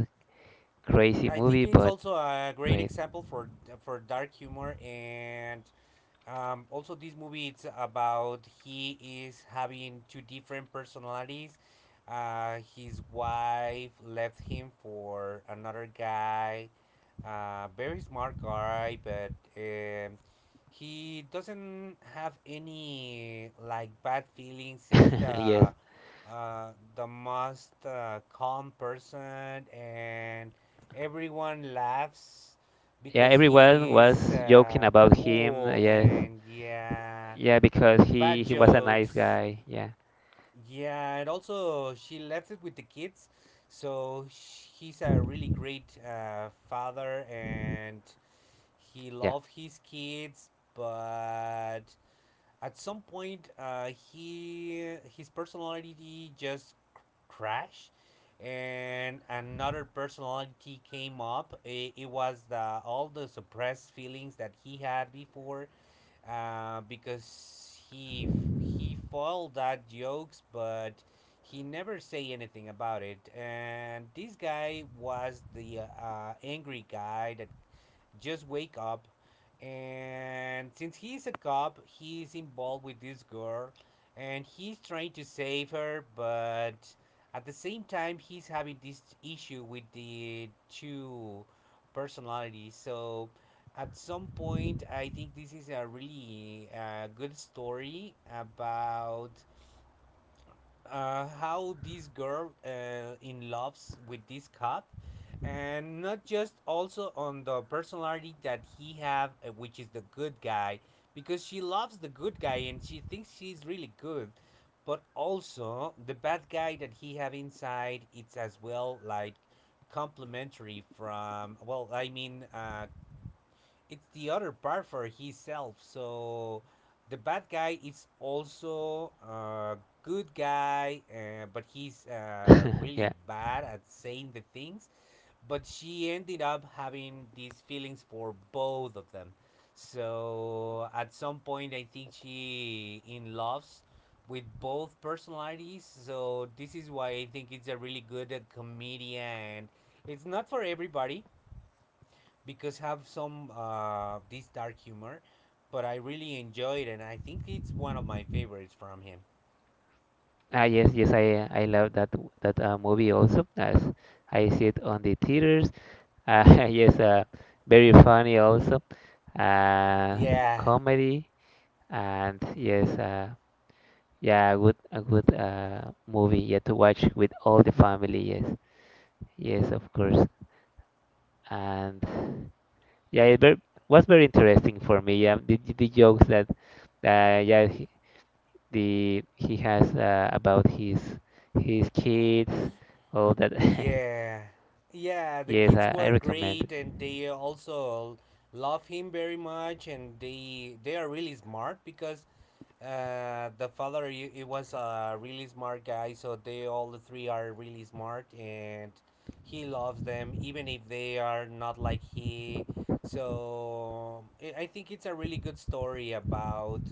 S2: Crazy
S1: I think
S2: movie,
S1: it's
S2: but
S1: also a great
S2: great.
S1: example for for dark humor and Um, also, this movie it's about he is having two different personalities. Uh, his wife left him for another guy, a very smart guy, but um, he doesn't have any like bad feelings. He's
S2: Yes.
S1: the uh, the most uh, calm person, and everyone laughs
S2: Yeah,
S1: because
S2: everyone
S1: he's
S2: was joking
S1: uh,
S2: about him.
S1: cool
S2: Yes.
S1: and yeah,
S2: Yeah, because he
S1: bad
S2: he was a nice
S1: jokes.
S2: guy. Yeah.
S1: Yeah, and also she left it with the kids, so sh- he's a really great uh, father and he
S2: Yeah.
S1: love his kids but at some point uh, he his personality just cr- crashed and another personality came up, it, it was the all the suppressed feelings that he had before uh, because he he foiled that jokes but he never say anything about it, and this guy was the uh, angry guy that just wake up, and since he's a cop he's involved with this girl, and he's trying to save her but at the same time he's having this issue with the two personalities. So at some point I think this is a really uh, good story about uh, how this girl uh, in loves with this cop, and not just also on the personality that he have uh, which is the good guy, because she loves the good guy and she thinks she's really good, but also the bad guy that he have inside it's as well like complementary from well i mean uh it's the other part for himself, so the bad guy is also a good guy uh, but he's uh really
S2: Yeah.
S1: bad at saying the things, but she ended up having these feelings for both of them. So at some point, I think she in loves with both personalities. So this is why I think it's a really good uh, comedian. It's not for everybody because have some uh, this dark humor, but I really enjoy it, and I think it's one of my favorites from him.
S2: Ah, yes, yes, I I love that that uh, movie also. As I see it on the theaters. Uh, yes, uh, very funny also. Uh,
S1: Yeah.
S2: Comedy, and yes, uh, yeah, good a good uh movie. Yeah, to watch with all the family. Yes, yes, of course. And yeah, it ver- was very interesting for me. Yeah, the, the jokes that uh, yeah he, the he has uh, about his his kids, all that.
S1: Yeah. Yeah, the
S2: Yes,
S1: kids
S2: I, I
S1: were
S2: recommend.
S1: great and they also love him very much and they they are really smart because uh, the father i- he was a really smart guy, so they all the three are really smart, and he loves them even if they are not like he. So I I think it's a really good story about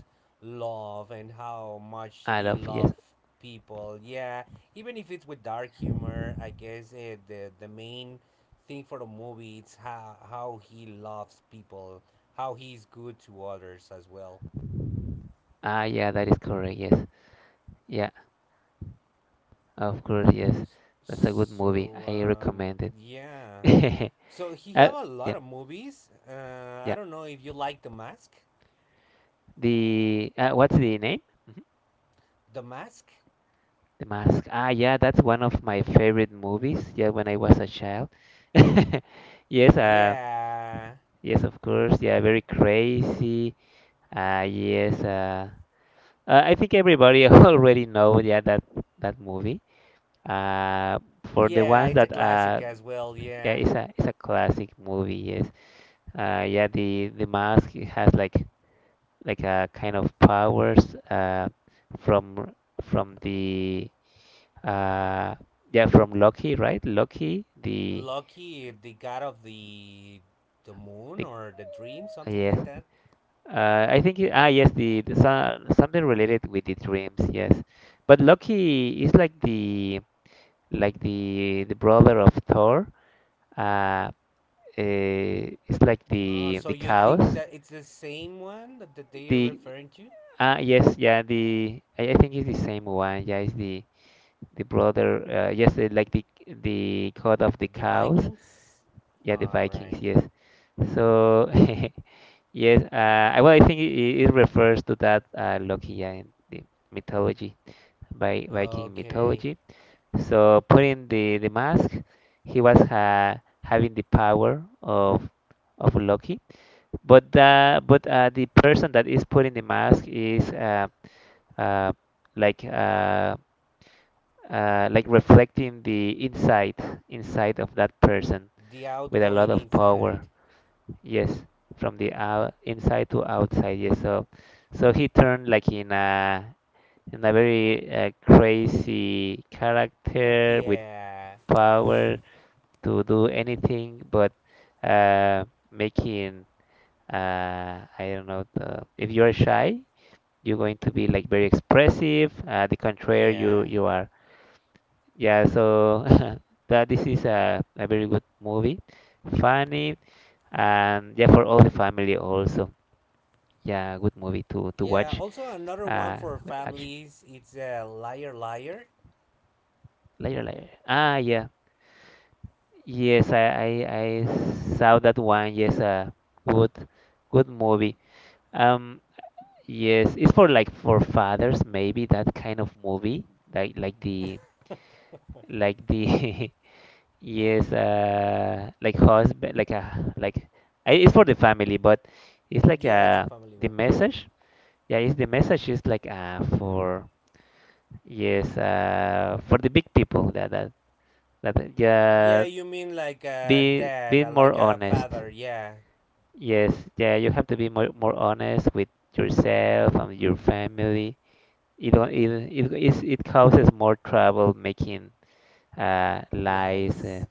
S1: love and how much
S2: I
S1: he
S2: love, yes.
S1: loved people. Yeah, even if it's with dark humor, I guess eh, the the main thing for the movie it's how how he loves people, how he's good to others as well.
S2: Ah, yeah, that is correct. Yes, yeah, of course. Yes, that's a good movie.
S1: So
S2: I
S1: um,
S2: recommend it.
S1: yeah. So he
S2: uh,
S1: have a
S2: yeah,
S1: lot of movies. Uh, I
S2: yeah.
S1: don't know if you like The Mask.
S2: The uh, what's the name?
S1: The Mask.
S2: The Mask. Ah, yeah, that's one of my favorite movies. Yeah, when I was a child. Yes, uh,
S1: Yeah,
S2: yes, of course. Yeah, very crazy. Uh, yes, uh, uh, I think everybody already know. Yeah, that that movie. Uh, for the
S1: yeah,
S2: ones
S1: it's a
S2: that uh,
S1: classic as well.
S2: yeah,
S1: Yeah,
S2: it's a it's a classic movie. Yes. Uh, yeah, the the mask, it has like like a kind of powers uh from from the Uh, yeah, from Loki, right? Loki, the
S1: Lucky, the god of the the moon
S2: the
S1: or the dream,
S2: uh,
S1: something
S2: yes.
S1: like that.
S2: Uh, I think it, ah yes, the, the so- something related with the dreams, yes. But Loki is like the like the the brother of Thor. Uh, eh, it's like
S1: Uh,
S2: the
S1: so
S2: the
S1: you think
S2: chaos.
S1: that it's the same one that, that they are
S2: The
S1: referring to?
S2: Ah yes, yeah. The I, I think it's the same one. Yeah, it's the the brother. Uh, yes, eh, like the the god of the
S1: The
S2: chaos.
S1: Vikings.
S2: Yeah, the
S1: All
S2: Vikings.
S1: right.
S2: Yes. So. Yes, uh, I- well, I think it, it refers to that uh, Loki uh, in the mythology, by Viking
S1: Okay.
S2: mythology. So putting the, the mask, he was uh, having the power of of Loki, but the but uh, the person that is putting the mask is uh, uh, like uh, uh, like reflecting the inside inside of that person
S1: The
S2: with a lot
S1: outgoing
S2: of
S1: inside.
S2: power. Yes, from the out, inside to outside. Yes, so so he turned like in a in a very uh, crazy character with
S1: yeah.
S2: power to do anything, but uh, making uh, I don't know the, if you are shy, you're going to be like very expressive. Uh, the contrary, you
S1: Yeah.
S2: you are. Yeah, so that this is a, a very good movie, funny, and yeah, for all the family also. Yeah, good movie to to
S1: Yeah.
S2: watch.
S1: Also, another one
S2: Uh,
S1: for
S2: with action
S1: families. It's a liar, liar.
S2: later, later. Ah, yeah, yes, I I, I saw that one. Yes, uh, good, good movie. Um, yes, it's for like for fathers, maybe that kind of movie, like like the like the yes, uh, like husband, like a like I- it's for the family, but it's like
S1: Yeah, it's a
S2: uh
S1: family
S2: the
S1: one.
S2: message. Yeah, it's the message is like uh for yes uh for the big people that that that,
S1: Yeah,
S2: yeah,
S1: you mean like a
S2: be
S1: dad, uh,
S2: being more
S1: like a
S2: honest.
S1: father. Yeah,
S2: Yes, yeah, you have to be more more honest with yourself and your family. It don't it it is it causes more trouble making uh lies. Uh,
S1: lies.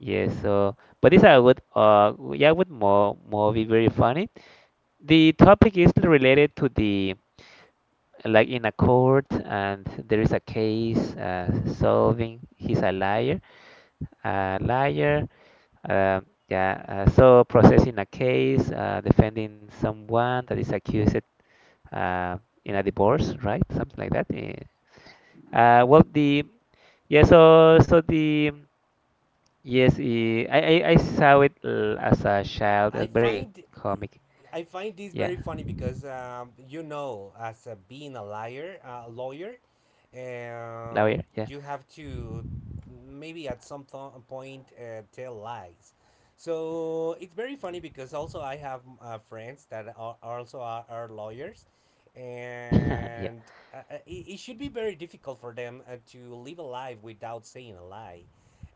S2: Yes, so but this I would uh yeah would more movie very funny. The topic is related to the like in a court and there is a case uh solving he's a liar a liar. Um, yeah, uh, so processing a case, uh, defending someone that is accused uh, in a divorce, right? Something like that. Eh. Uh, well, the yeah, so so the yes, eh, I I, I saw it uh, as a child.
S1: I
S2: It's very
S1: find
S2: comic.
S1: I find this
S2: Yeah,
S1: very funny because um, you know, as a, being a liar, uh, a lawyer, um,
S2: lawyer. Yeah,
S1: you have to maybe at some th- point uh, tell lies. So it's very funny because also I have uh, friends that are also are, are lawyers,
S2: yeah,
S1: and uh, uh, it, it should be very difficult for them uh, to live a life without saying a lie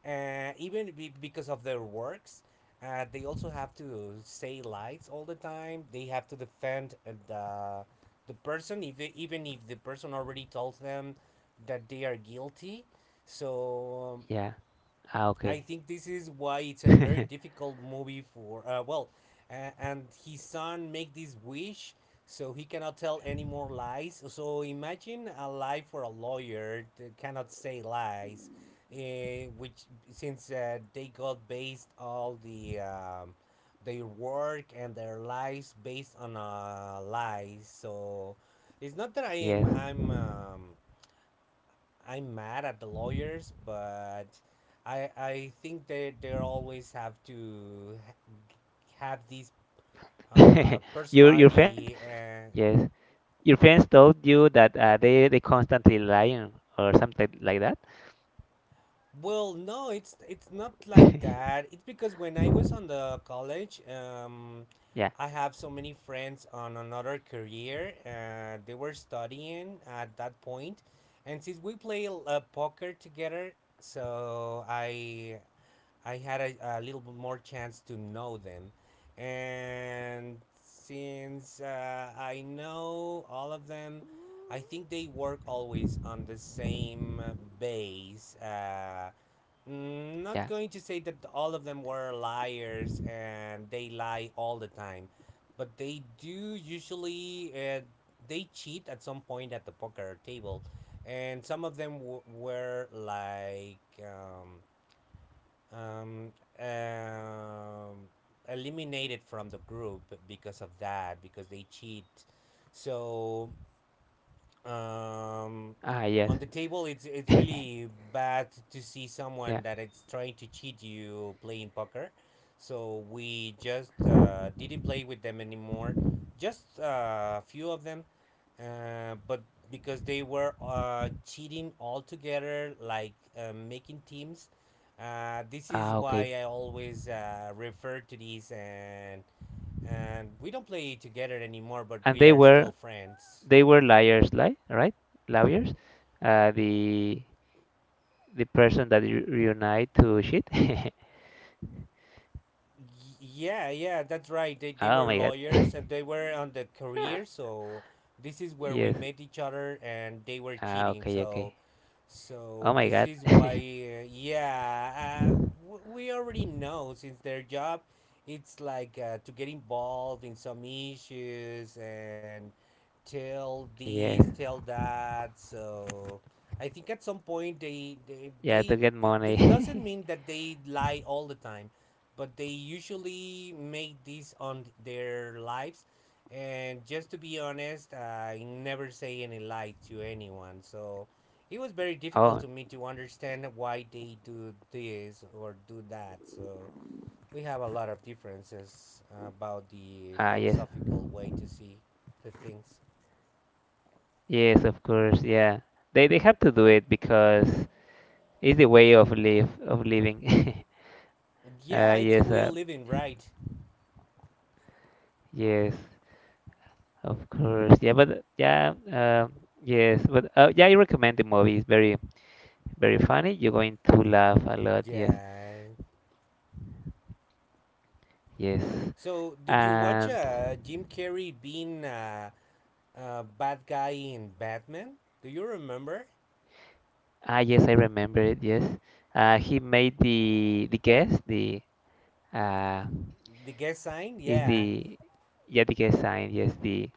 S1: uh, even be- because of their works uh, they also have to say lies all the time. They have to defend uh, the the person, if they, even if the person already told them that they are guilty. So um,
S2: yeah. Ah,
S1: I
S2: okay.
S1: think this is why it's a very difficult movie for uh, well, uh, and his son make this wish so he cannot tell any more lies. So imagine a life for a lawyer that cannot say lies, uh, which since uh, they got based all the um, their work and their lives based on uh, lies. So it's not that I
S2: Yes.
S1: am I'm. Um, I'm mad at the lawyers, but I I think they they always have to ha- have this uh,
S2: Your your friend?
S1: personality. Uh,
S2: Yes. Your friends told you that uh, they they constantly lying or something like that.
S1: well, no, it's it's not like that. It's because when I was on the college, um,
S2: Yeah,
S1: I have so many friends on another career. Uh, they were studying at that point, and since we play uh, poker together, so I I had a, a little bit more chance to know them. And since uh, I know all of them, I think they work always on the same base. Uh, mm, not
S2: yeah.
S1: going to say that all of them were liars and they lie all the time, but they do usually uh, they cheat at some point at the poker table, and some of them w- were like um, um, um, eliminated from the group because of that because they cheat, so um,
S2: Ah,
S1: on the
S2: yes.
S1: table it's it's really bad to see someone
S2: Yeah.
S1: that is trying to cheat you playing poker, so we just uh, didn't play with them anymore, just a uh, few of them uh, but because they were uh, cheating all together, like uh, making teams. Uh, this is
S2: Ah,
S1: why
S2: okay.
S1: I always uh, refer to these, and and we don't play together anymore, but
S2: And
S1: we
S2: they
S1: are
S2: were
S1: still friends.
S2: they were liars, li right? Lawyers. Uh, the the person that you reunite to shit.
S1: Y- yeah, yeah, that's right. They they
S2: Oh
S1: were
S2: my God.
S1: lawyers, and they were on the career, so this is where
S2: Yes.
S1: we met each other, and they were
S2: Ah, okay,
S1: cheating.
S2: okay.
S1: So
S2: Oh
S1: so
S2: my
S1: this
S2: God.
S1: is why, uh, yeah, uh, w- we already know since their job, it's like uh, to get involved in some issues and tell
S2: Yes.
S1: this, tell that. So I think at some point they they,
S2: Yeah, to
S1: they
S2: get
S1: it, this doesn't
S2: money.
S1: mean that they lie all the time, but they usually make this on their lives. And just to be honest, I never say any lie to anyone. So it was very
S2: Oh,
S1: difficult to me to understand why they do this or do that. So we have a lot of differences about the
S2: ah, yes.
S1: philosophical way to see the things.
S2: Yes, of course. Yeah. They they have to do it because it's the way of live of living. Uh,
S1: Yeah, it's the
S2: yes,
S1: way
S2: uh,
S1: of living, right?
S2: yes. Of course, yeah, but yeah, um, yes, but uh, yeah, I recommend the movie. It's very, very funny. You're going to laugh a lot. Yes,
S1: Yeah.
S2: yes,
S1: So did you watch
S2: and
S1: uh, Jim Carrey being a uh, uh, bad guy in Batman? Do you remember
S2: ah, yes, I remember it. Yes, uh, he made the the guess. The uh,
S1: the guest sign?
S2: is
S1: Yeah,
S2: the yeah the guest sign. Yes, the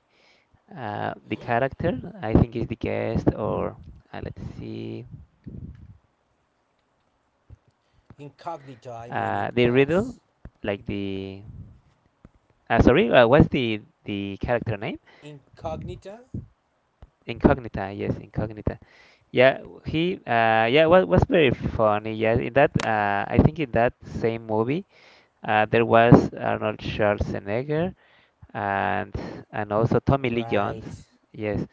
S2: uh the character. I think is the guest or uh, let's see.
S1: incognito. I mean,
S2: Uh,
S1: it
S2: the riddle,
S1: calls
S2: like the uh, sorry, uh, what's the the character name?
S1: incognito.
S2: Incognita, yes, Incognita. Yeah, w- he, uh, yeah, was was very funny. Yeah, in that, uh, I think in that same movie, uh, there was Arnold Schwarzenegger and and also Tommy Lee Jones.
S1: Right.
S2: Yes,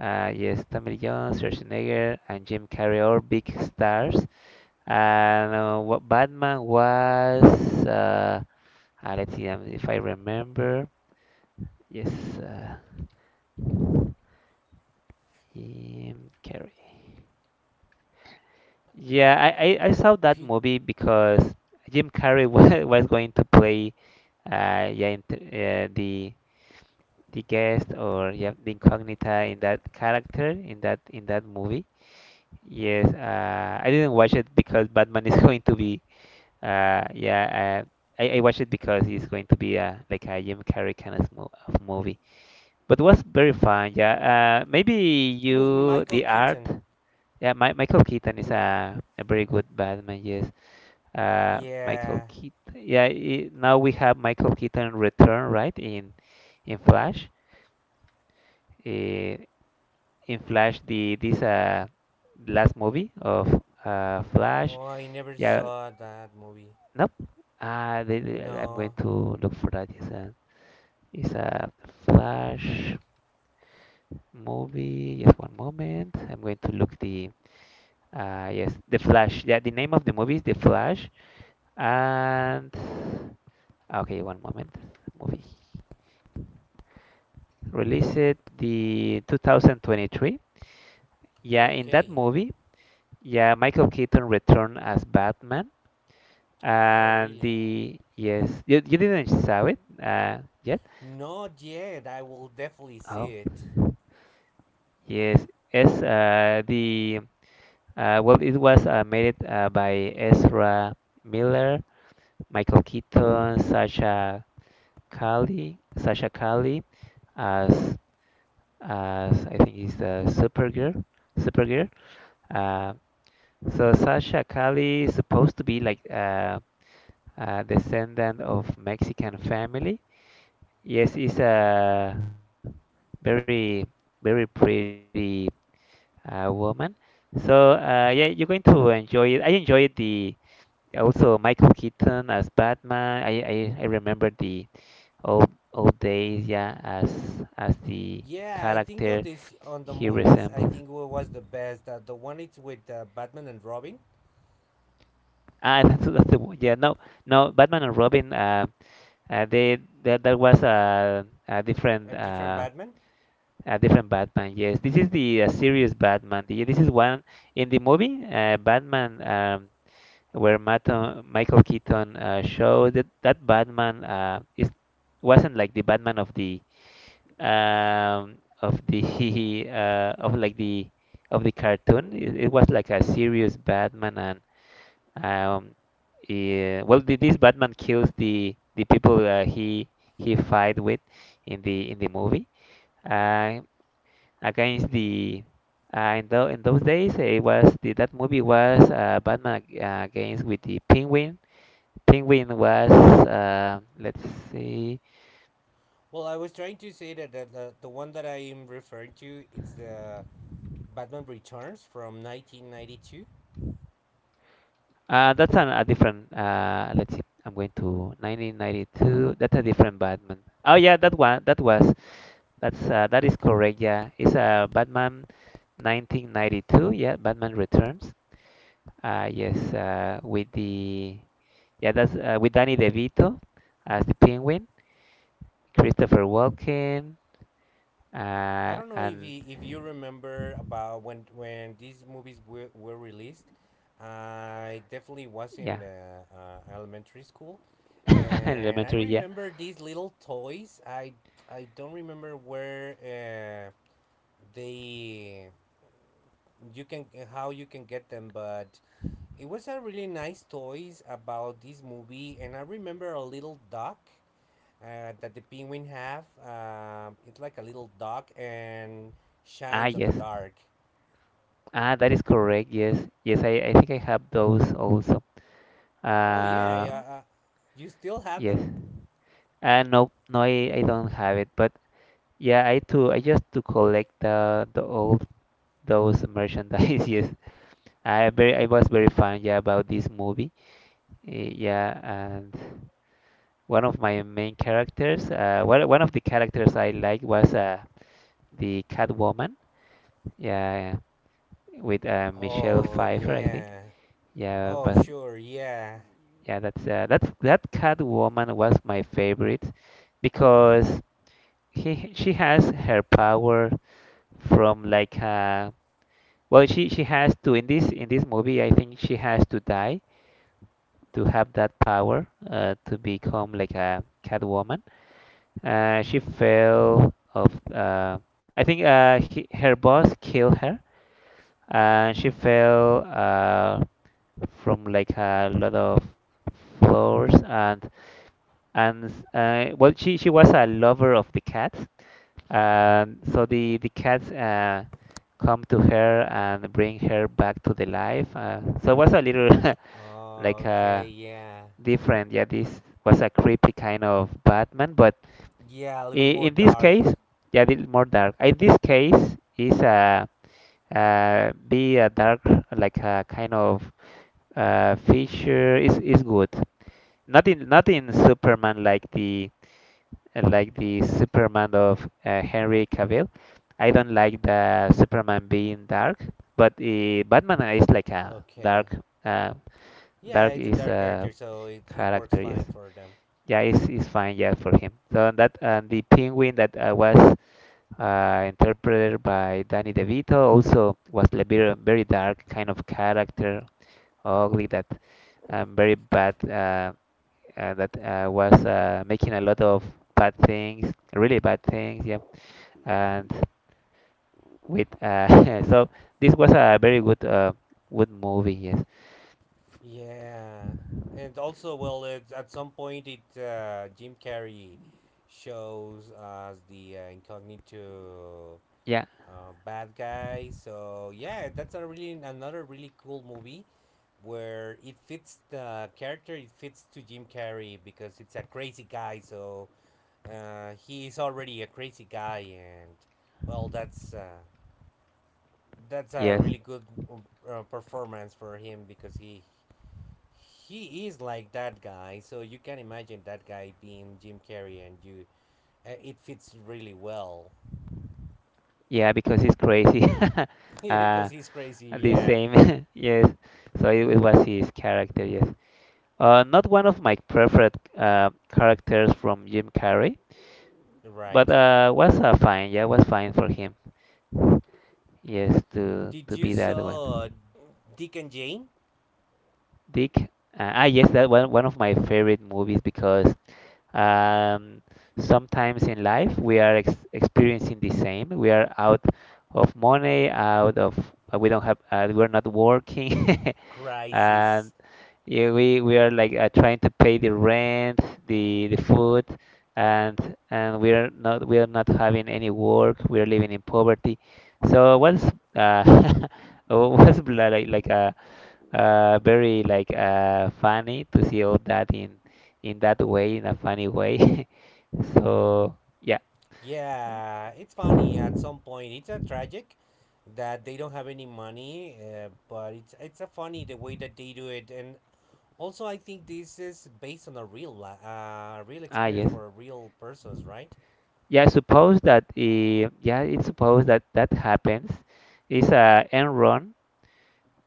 S2: uh, yes, Tommy Lee Jones, Schwarzenegger, and Jim Carrey, all big stars. And uh, what Batman was, uh, uh, let's see um, if I remember. Yes, uh, Jim Carrey. Yeah, I, I, I saw that
S1: Pete.
S2: movie because Jim Carrey was, was going to play uh, yeah, in, uh, the the guest or yeah, the incognita in that character in that in that movie. Yes, uh, I didn't watch it because Batman is going to be uh, yeah. Uh, I, I watched it because it's going to be a like a Jim Carrey kind of, mo of movie, but it was very fun. Yeah, uh, maybe
S1: It was
S2: you
S1: Michael
S2: the art.
S1: Keaton.
S2: Yeah, Mi Michael Keaton is a, a very good Batman. Yes, uh, Michael
S1: Yeah.
S2: Keaton. Yeah, I now we have Michael Keaton return, right? In in Flash. Uh, in Flash, the this uh last movie of uh Flash.
S1: Oh, I never
S2: Yeah,
S1: saw that movie.
S2: nope. Uh, the, the- I'm going
S1: No.
S2: to look for that. It's a it's a Flash movie. Just one moment. I'm going to look the uh yes the Flash. Yeah, the name of the movie is The Flash. And okay, one moment. Movie released the twenty twenty-three. Yeah, in that
S1: Okay.
S2: movie, yeah, Michael Keaton returned as Batman.
S1: Oh,
S2: And
S1: really?
S2: the yes, you, you didn't saw it uh, yet.
S1: Not yet. I will definitely see
S2: Oh,
S1: it.
S2: yes, yes. Uh, the uh, well, it was uh, made it uh, by Ezra Miller, Michael Keaton, Sasha Kali, Sasha Kali, as as I think is the Supergirl, Supergirl. Uh, So Sasha Cali is supposed to be like uh, a descendant of Mexican family. Yes, is
S1: Okay.
S2: a very very pretty uh, woman. So uh, yeah, you're going to enjoy it. I enjoyed the also Michael Keaton as Batman. I I, I remember the old old days. Yeah, as as the
S1: Yeah, I think on
S2: character
S1: this on the
S2: he
S1: movies, I
S2: resembles.
S1: think what was the best uh, the one it's with uh, Batman and Robin,
S2: Ah, that's, that's the one. Yeah, no, no, Batman and Robin. Uh, Uh, they that that was a a
S1: a
S2: different
S1: different
S2: uh,
S1: Batman.
S2: a different Batman. Yes, this is the uh, serious Batman. The, this is one in the movie uh, Batman um, where Mato, Michael Keaton uh, showed that that Batman uh, is wasn't like the Batman of the um, of the uh, of like the of the cartoon. It, it was like a serious Batman and um, yeah, well, th- this Batman kills the the people uh, he he fight with in the in the movie. Uh, Against the uh, in, tho in those days, it was the, that movie was uh, Batman ag- uh, against with the Penguin. Penguin was uh, let's see,
S1: Well, I was trying to say that the, the the one that I am referring to it's the Batman Returns from nineteen ninety-two.
S2: uh, that's an, a different. Uh, let's see, I'm going to nineteen ninety-two. That's a different Batman. Oh yeah, that one. That was. That's uh, that is correct. Yeah, it's uh, Batman nineteen ninety-two. Yeah, Batman Returns. Uh, yes, uh, with the yeah, that's uh, with Danny DeVito as the Penguin, Christopher Walken,
S1: I
S2: uh,
S1: don't know if
S2: and
S1: you, if you remember about when when these movies were, were released. I definitely was
S2: yeah,
S1: in uh, uh, elementary school, and I
S2: elementary. Yeah.
S1: remember these little toys. I I don't remember where uh, they you can how you can get them, but it was a really nice toys about this movie. And I remember a little duck uh, that the penguin have. Um, it's like a little dog and
S2: Ah,
S1: shines on the
S2: yes.
S1: dark.
S2: Ah, that is correct. Yes, yes. I, I think I have those also.
S1: Oh yeah,
S2: Uh,
S1: yeah. Uh, you still have
S2: yes.
S1: them?
S2: Uh, no, no, I, I don't have it. But yeah, I too. I just to collect the the old those merchandise. Yes, I very I was very fun yeah about this movie. Eh, yeah, and one of my main characters, uh, one one of the characters I liked was uh the Catwoman. Yeah, with uh, Michelle
S1: Oh
S2: Pfeiffer, I think.
S1: yeah.
S2: Yeah,
S1: Oh
S2: but
S1: sure, yeah.
S2: yeah, that's uh, that's that Catwoman was my favorite because he she has her power from like uh well she she has to in this in this movie I think she has to die to have that power uh, to become like a Catwoman. Uh, she fell of uh, I think uh, he, her boss killed her, and she fell uh, from like a lot of floors and and uh, well she she was a lover of the cats and so the the cats uh, come to her and bring her back to the life uh, so it was a little like a
S1: Okay, yeah.
S2: different. Yeah, this was a creepy kind of Batman, but
S1: Yeah, a little bit
S2: in,
S1: more
S2: in this
S1: dark.
S2: case, yeah, it's more dark. In this case, is a uh, be a dark like a kind of uh, feature is is good. Not in not in Superman like the like the Superman of uh, Henry Cavill. I don't like the Superman being dark, but uh, Batman is like a
S1: Okay.
S2: dark uh,
S1: Yeah,
S2: dark
S1: it's a
S2: is
S1: dark
S2: a
S1: character, so it, it works
S2: character. Yes.
S1: fine for them.
S2: Yeah, it's, it's fine, yeah, for him. So and that and the penguin that uh, was uh, interpreted by Danny DeVito also was a very, very dark kind of character, ugly, that um, very bad, uh, uh, that uh, was uh, making a lot of bad things, really bad things, yeah. And with uh, so this was a very good uh, good movie, yes.
S1: Yeah. And also, well, it's, at some point, it uh, Jim Carrey shows us the uh, incognito
S2: Yeah,
S1: uh, bad guy. So yeah, that's a really another really cool movie where it fits the character. It fits to Jim Carrey because it's a crazy guy. So uh, he is already a crazy guy, and well, that's uh, that's a
S2: yes,
S1: really good uh, performance for him because he he is like that guy. So you can imagine that guy being Jim Carrey, and you uh, it fits really well
S2: yeah, because it's crazy. uh,
S1: because he's crazy.
S2: the
S1: Yeah,
S2: same, yes. So it, it was his character, yes. Uh, not one of my preferred uh, characters from Jim Carrey, but
S1: right.
S2: uh, was uh, fine. Yeah, was fine for him. Yes, to
S1: Did
S2: to
S1: you
S2: be that
S1: saw
S2: one.
S1: Dick and Jane?
S2: Dick. Uh, ah, yes, that one one of my favorite movies because um, sometimes in life we are ex experiencing the same. We are out of money, out of uh, we don't have uh, we're not working, and
S1: Crisis.
S2: yeah, we we are like uh, trying to pay the rent, the the food, and and we are not we are not having any work. We are living in poverty. So what's uh uh, what's bla- like like a uh, uh, very like uh funny to see all that in in that way in a funny way. So yeah,
S1: Yeah, it's funny at some point. It's a tragic that they don't have any money, uh, but it's it's a funny the way that they do it. And also, I think this is based on a real li- uh, real
S2: ah
S1: experience
S2: yes,
S1: for real persons, right?
S2: yeah. Suppose that uh, yeah, it's supposed that that happens. It's a Enron.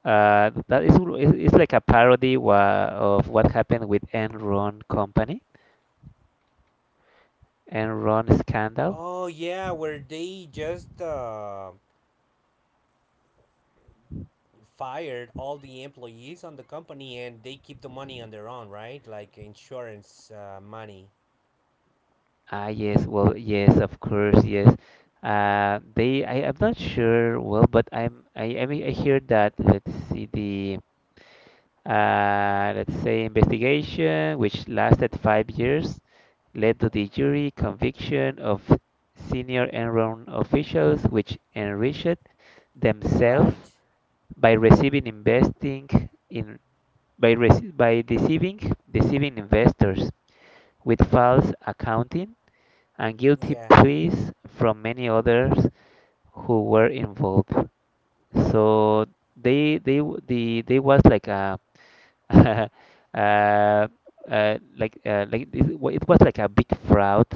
S2: Uh, that is it's it's like a parody wha- of what happened with Enron company, Enron scandal.
S1: Oh yeah, where they just uh, fired all the employees on the company and they keep the money on their own, right? Like insurance uh, money.
S2: Ah, yes, well, yes, of course, yes. Uh, they, I, I'm not sure, well, but I'm, I, I mean, I hear that, let's see, the, uh, let's say investigation, which lasted five years, led to the jury conviction of senior Enron officials, which enriched themselves
S1: Right.
S2: by receiving investing in by, rece- by deceiving deceiving investors with false accounting and guilty
S1: Yeah.
S2: pleas from many others who were involved. So they they w- the they was like a uh, uh, like uh, like it wa- it was like a big fraud,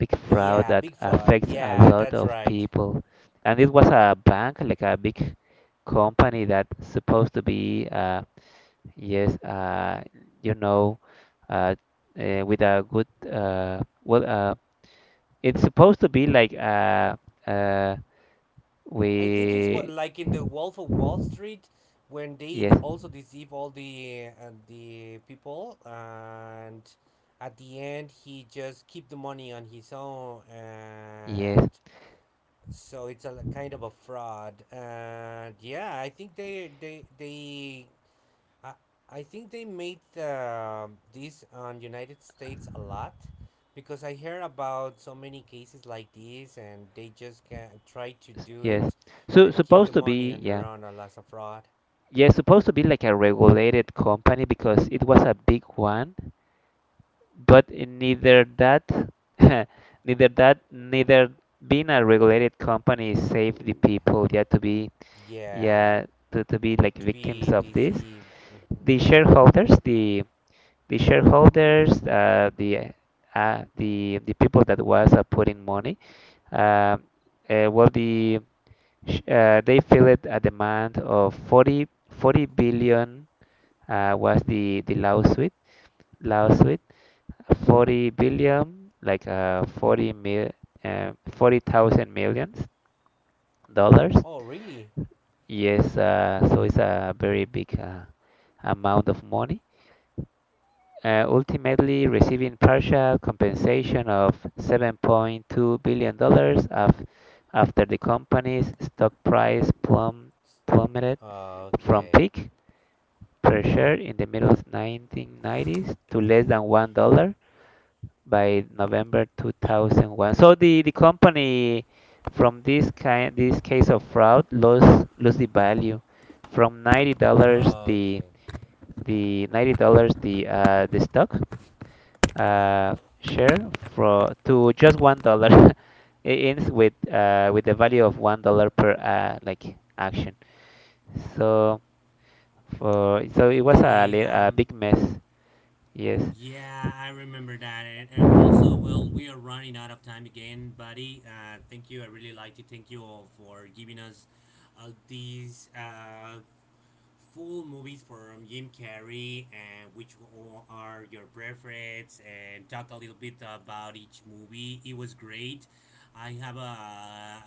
S2: big fraud
S1: Yeah,
S2: that
S1: big fraud.
S2: affects a
S1: Yeah,
S2: lot
S1: that's
S2: of
S1: right.
S2: people, and it was a bank like a big company that supposed to be uh, yes, uh, you know, uh, uh, with a good, uh, well, uh, it's supposed to be like uh, uh,
S1: I think it's what
S2: we,
S1: like in the Wolf of Wall Street when they d-
S2: yes,
S1: also deceive all the uh, the people and at the end he just keep the money on his own and
S2: yes,
S1: so it's a l- kind of a fraud, and yeah i think they they they I, I think they made uh, this on United States a lot because I hear about so many cases like this and they just can try to
S2: s-
S1: do
S2: yes.
S1: it
S2: So
S1: and keep the
S2: supposed to
S1: money
S2: be,
S1: on their
S2: yeah,
S1: own as a fraud.
S2: yes, supposed to be like a regulated company because it was a big one, but neither that, neither that, neither being a regulated company save the people.
S1: Hmm.
S2: Yeah, to be,
S1: Yeah,
S2: yeah, to, to be like
S1: to
S2: victims
S1: be
S2: of this.
S1: deceived. Hmm.
S2: The shareholders, the the shareholders, uh, the uh, the the people that was uh, putting money, um, uh, well, the sh- uh, they filled a demand of forty forty billion uh, was the the lawsuit lawsuit forty billion like uh, forty mil uh, forty thousand millions dollars.
S1: Oh, really?
S2: Yes, uh, so it's a very big uh, amount of money uh, ultimately receiving partial compensation of $7.2 billion dollars after the company's stock price plum- plummeted from
S1: Okay.
S2: peak per share in the middle of nineteen nineties to less than one dollar by November two thousand one. So the, the company from this kind this case of fraud lost lost the value from ninety dollars the
S1: Okay.
S2: the ninety dollars the uh, the stock uh, share for to just one dollar. It ends with uh, with the value of one dollar per uh, like action. So for so it was a,
S1: Okay.
S2: li- a
S1: Um.
S2: big mess. Yes.
S1: Yeah, I remember that. And,
S2: Uh,
S1: and also, well, we are running out of time again, buddy. Uh, thank you. I really like to thank you all for giving us uh, these uh, full movies from Jim Carrey and which o- are your preference and talk a little bit about each movie. It was great. I have uh,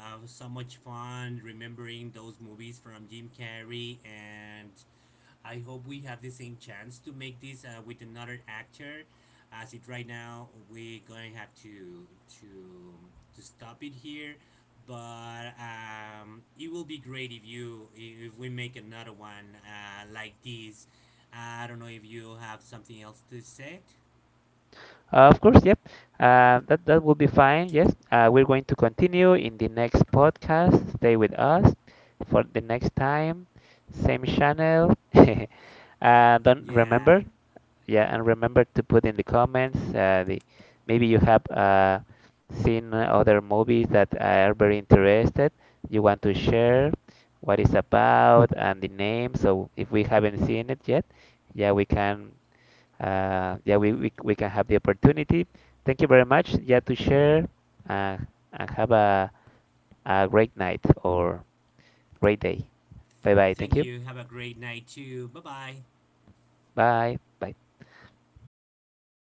S1: uh, so much fun remembering those movies from Jim Carrey and I hope we have the same chance to make this uh, with another actor. As it right now, we're gonna have to to to stop it here. But um, it will be great if you if we make another one uh, like this. I don't know if you have something else to say.
S2: of course, yep. Uh, that that will be fine. Yes. Uh, we're going to continue in the next podcast. Stay with us for the next time. Same channel. uh, don't
S1: Yeah.
S2: remember. Yeah, and remember to put in the comments uh, the maybe you have uh, seen other movies that are very interested. You want to share what it's about and the name. So if we haven't seen it yet, yeah, we can uh, yeah we, we we can have the opportunity. Thank you very much. Yeah, to share uh, and have a a great night or great day. Bye bye. Thank
S1: Thank
S2: you.
S1: you. Have a great night too. Bye bye.
S2: Bye. Bye.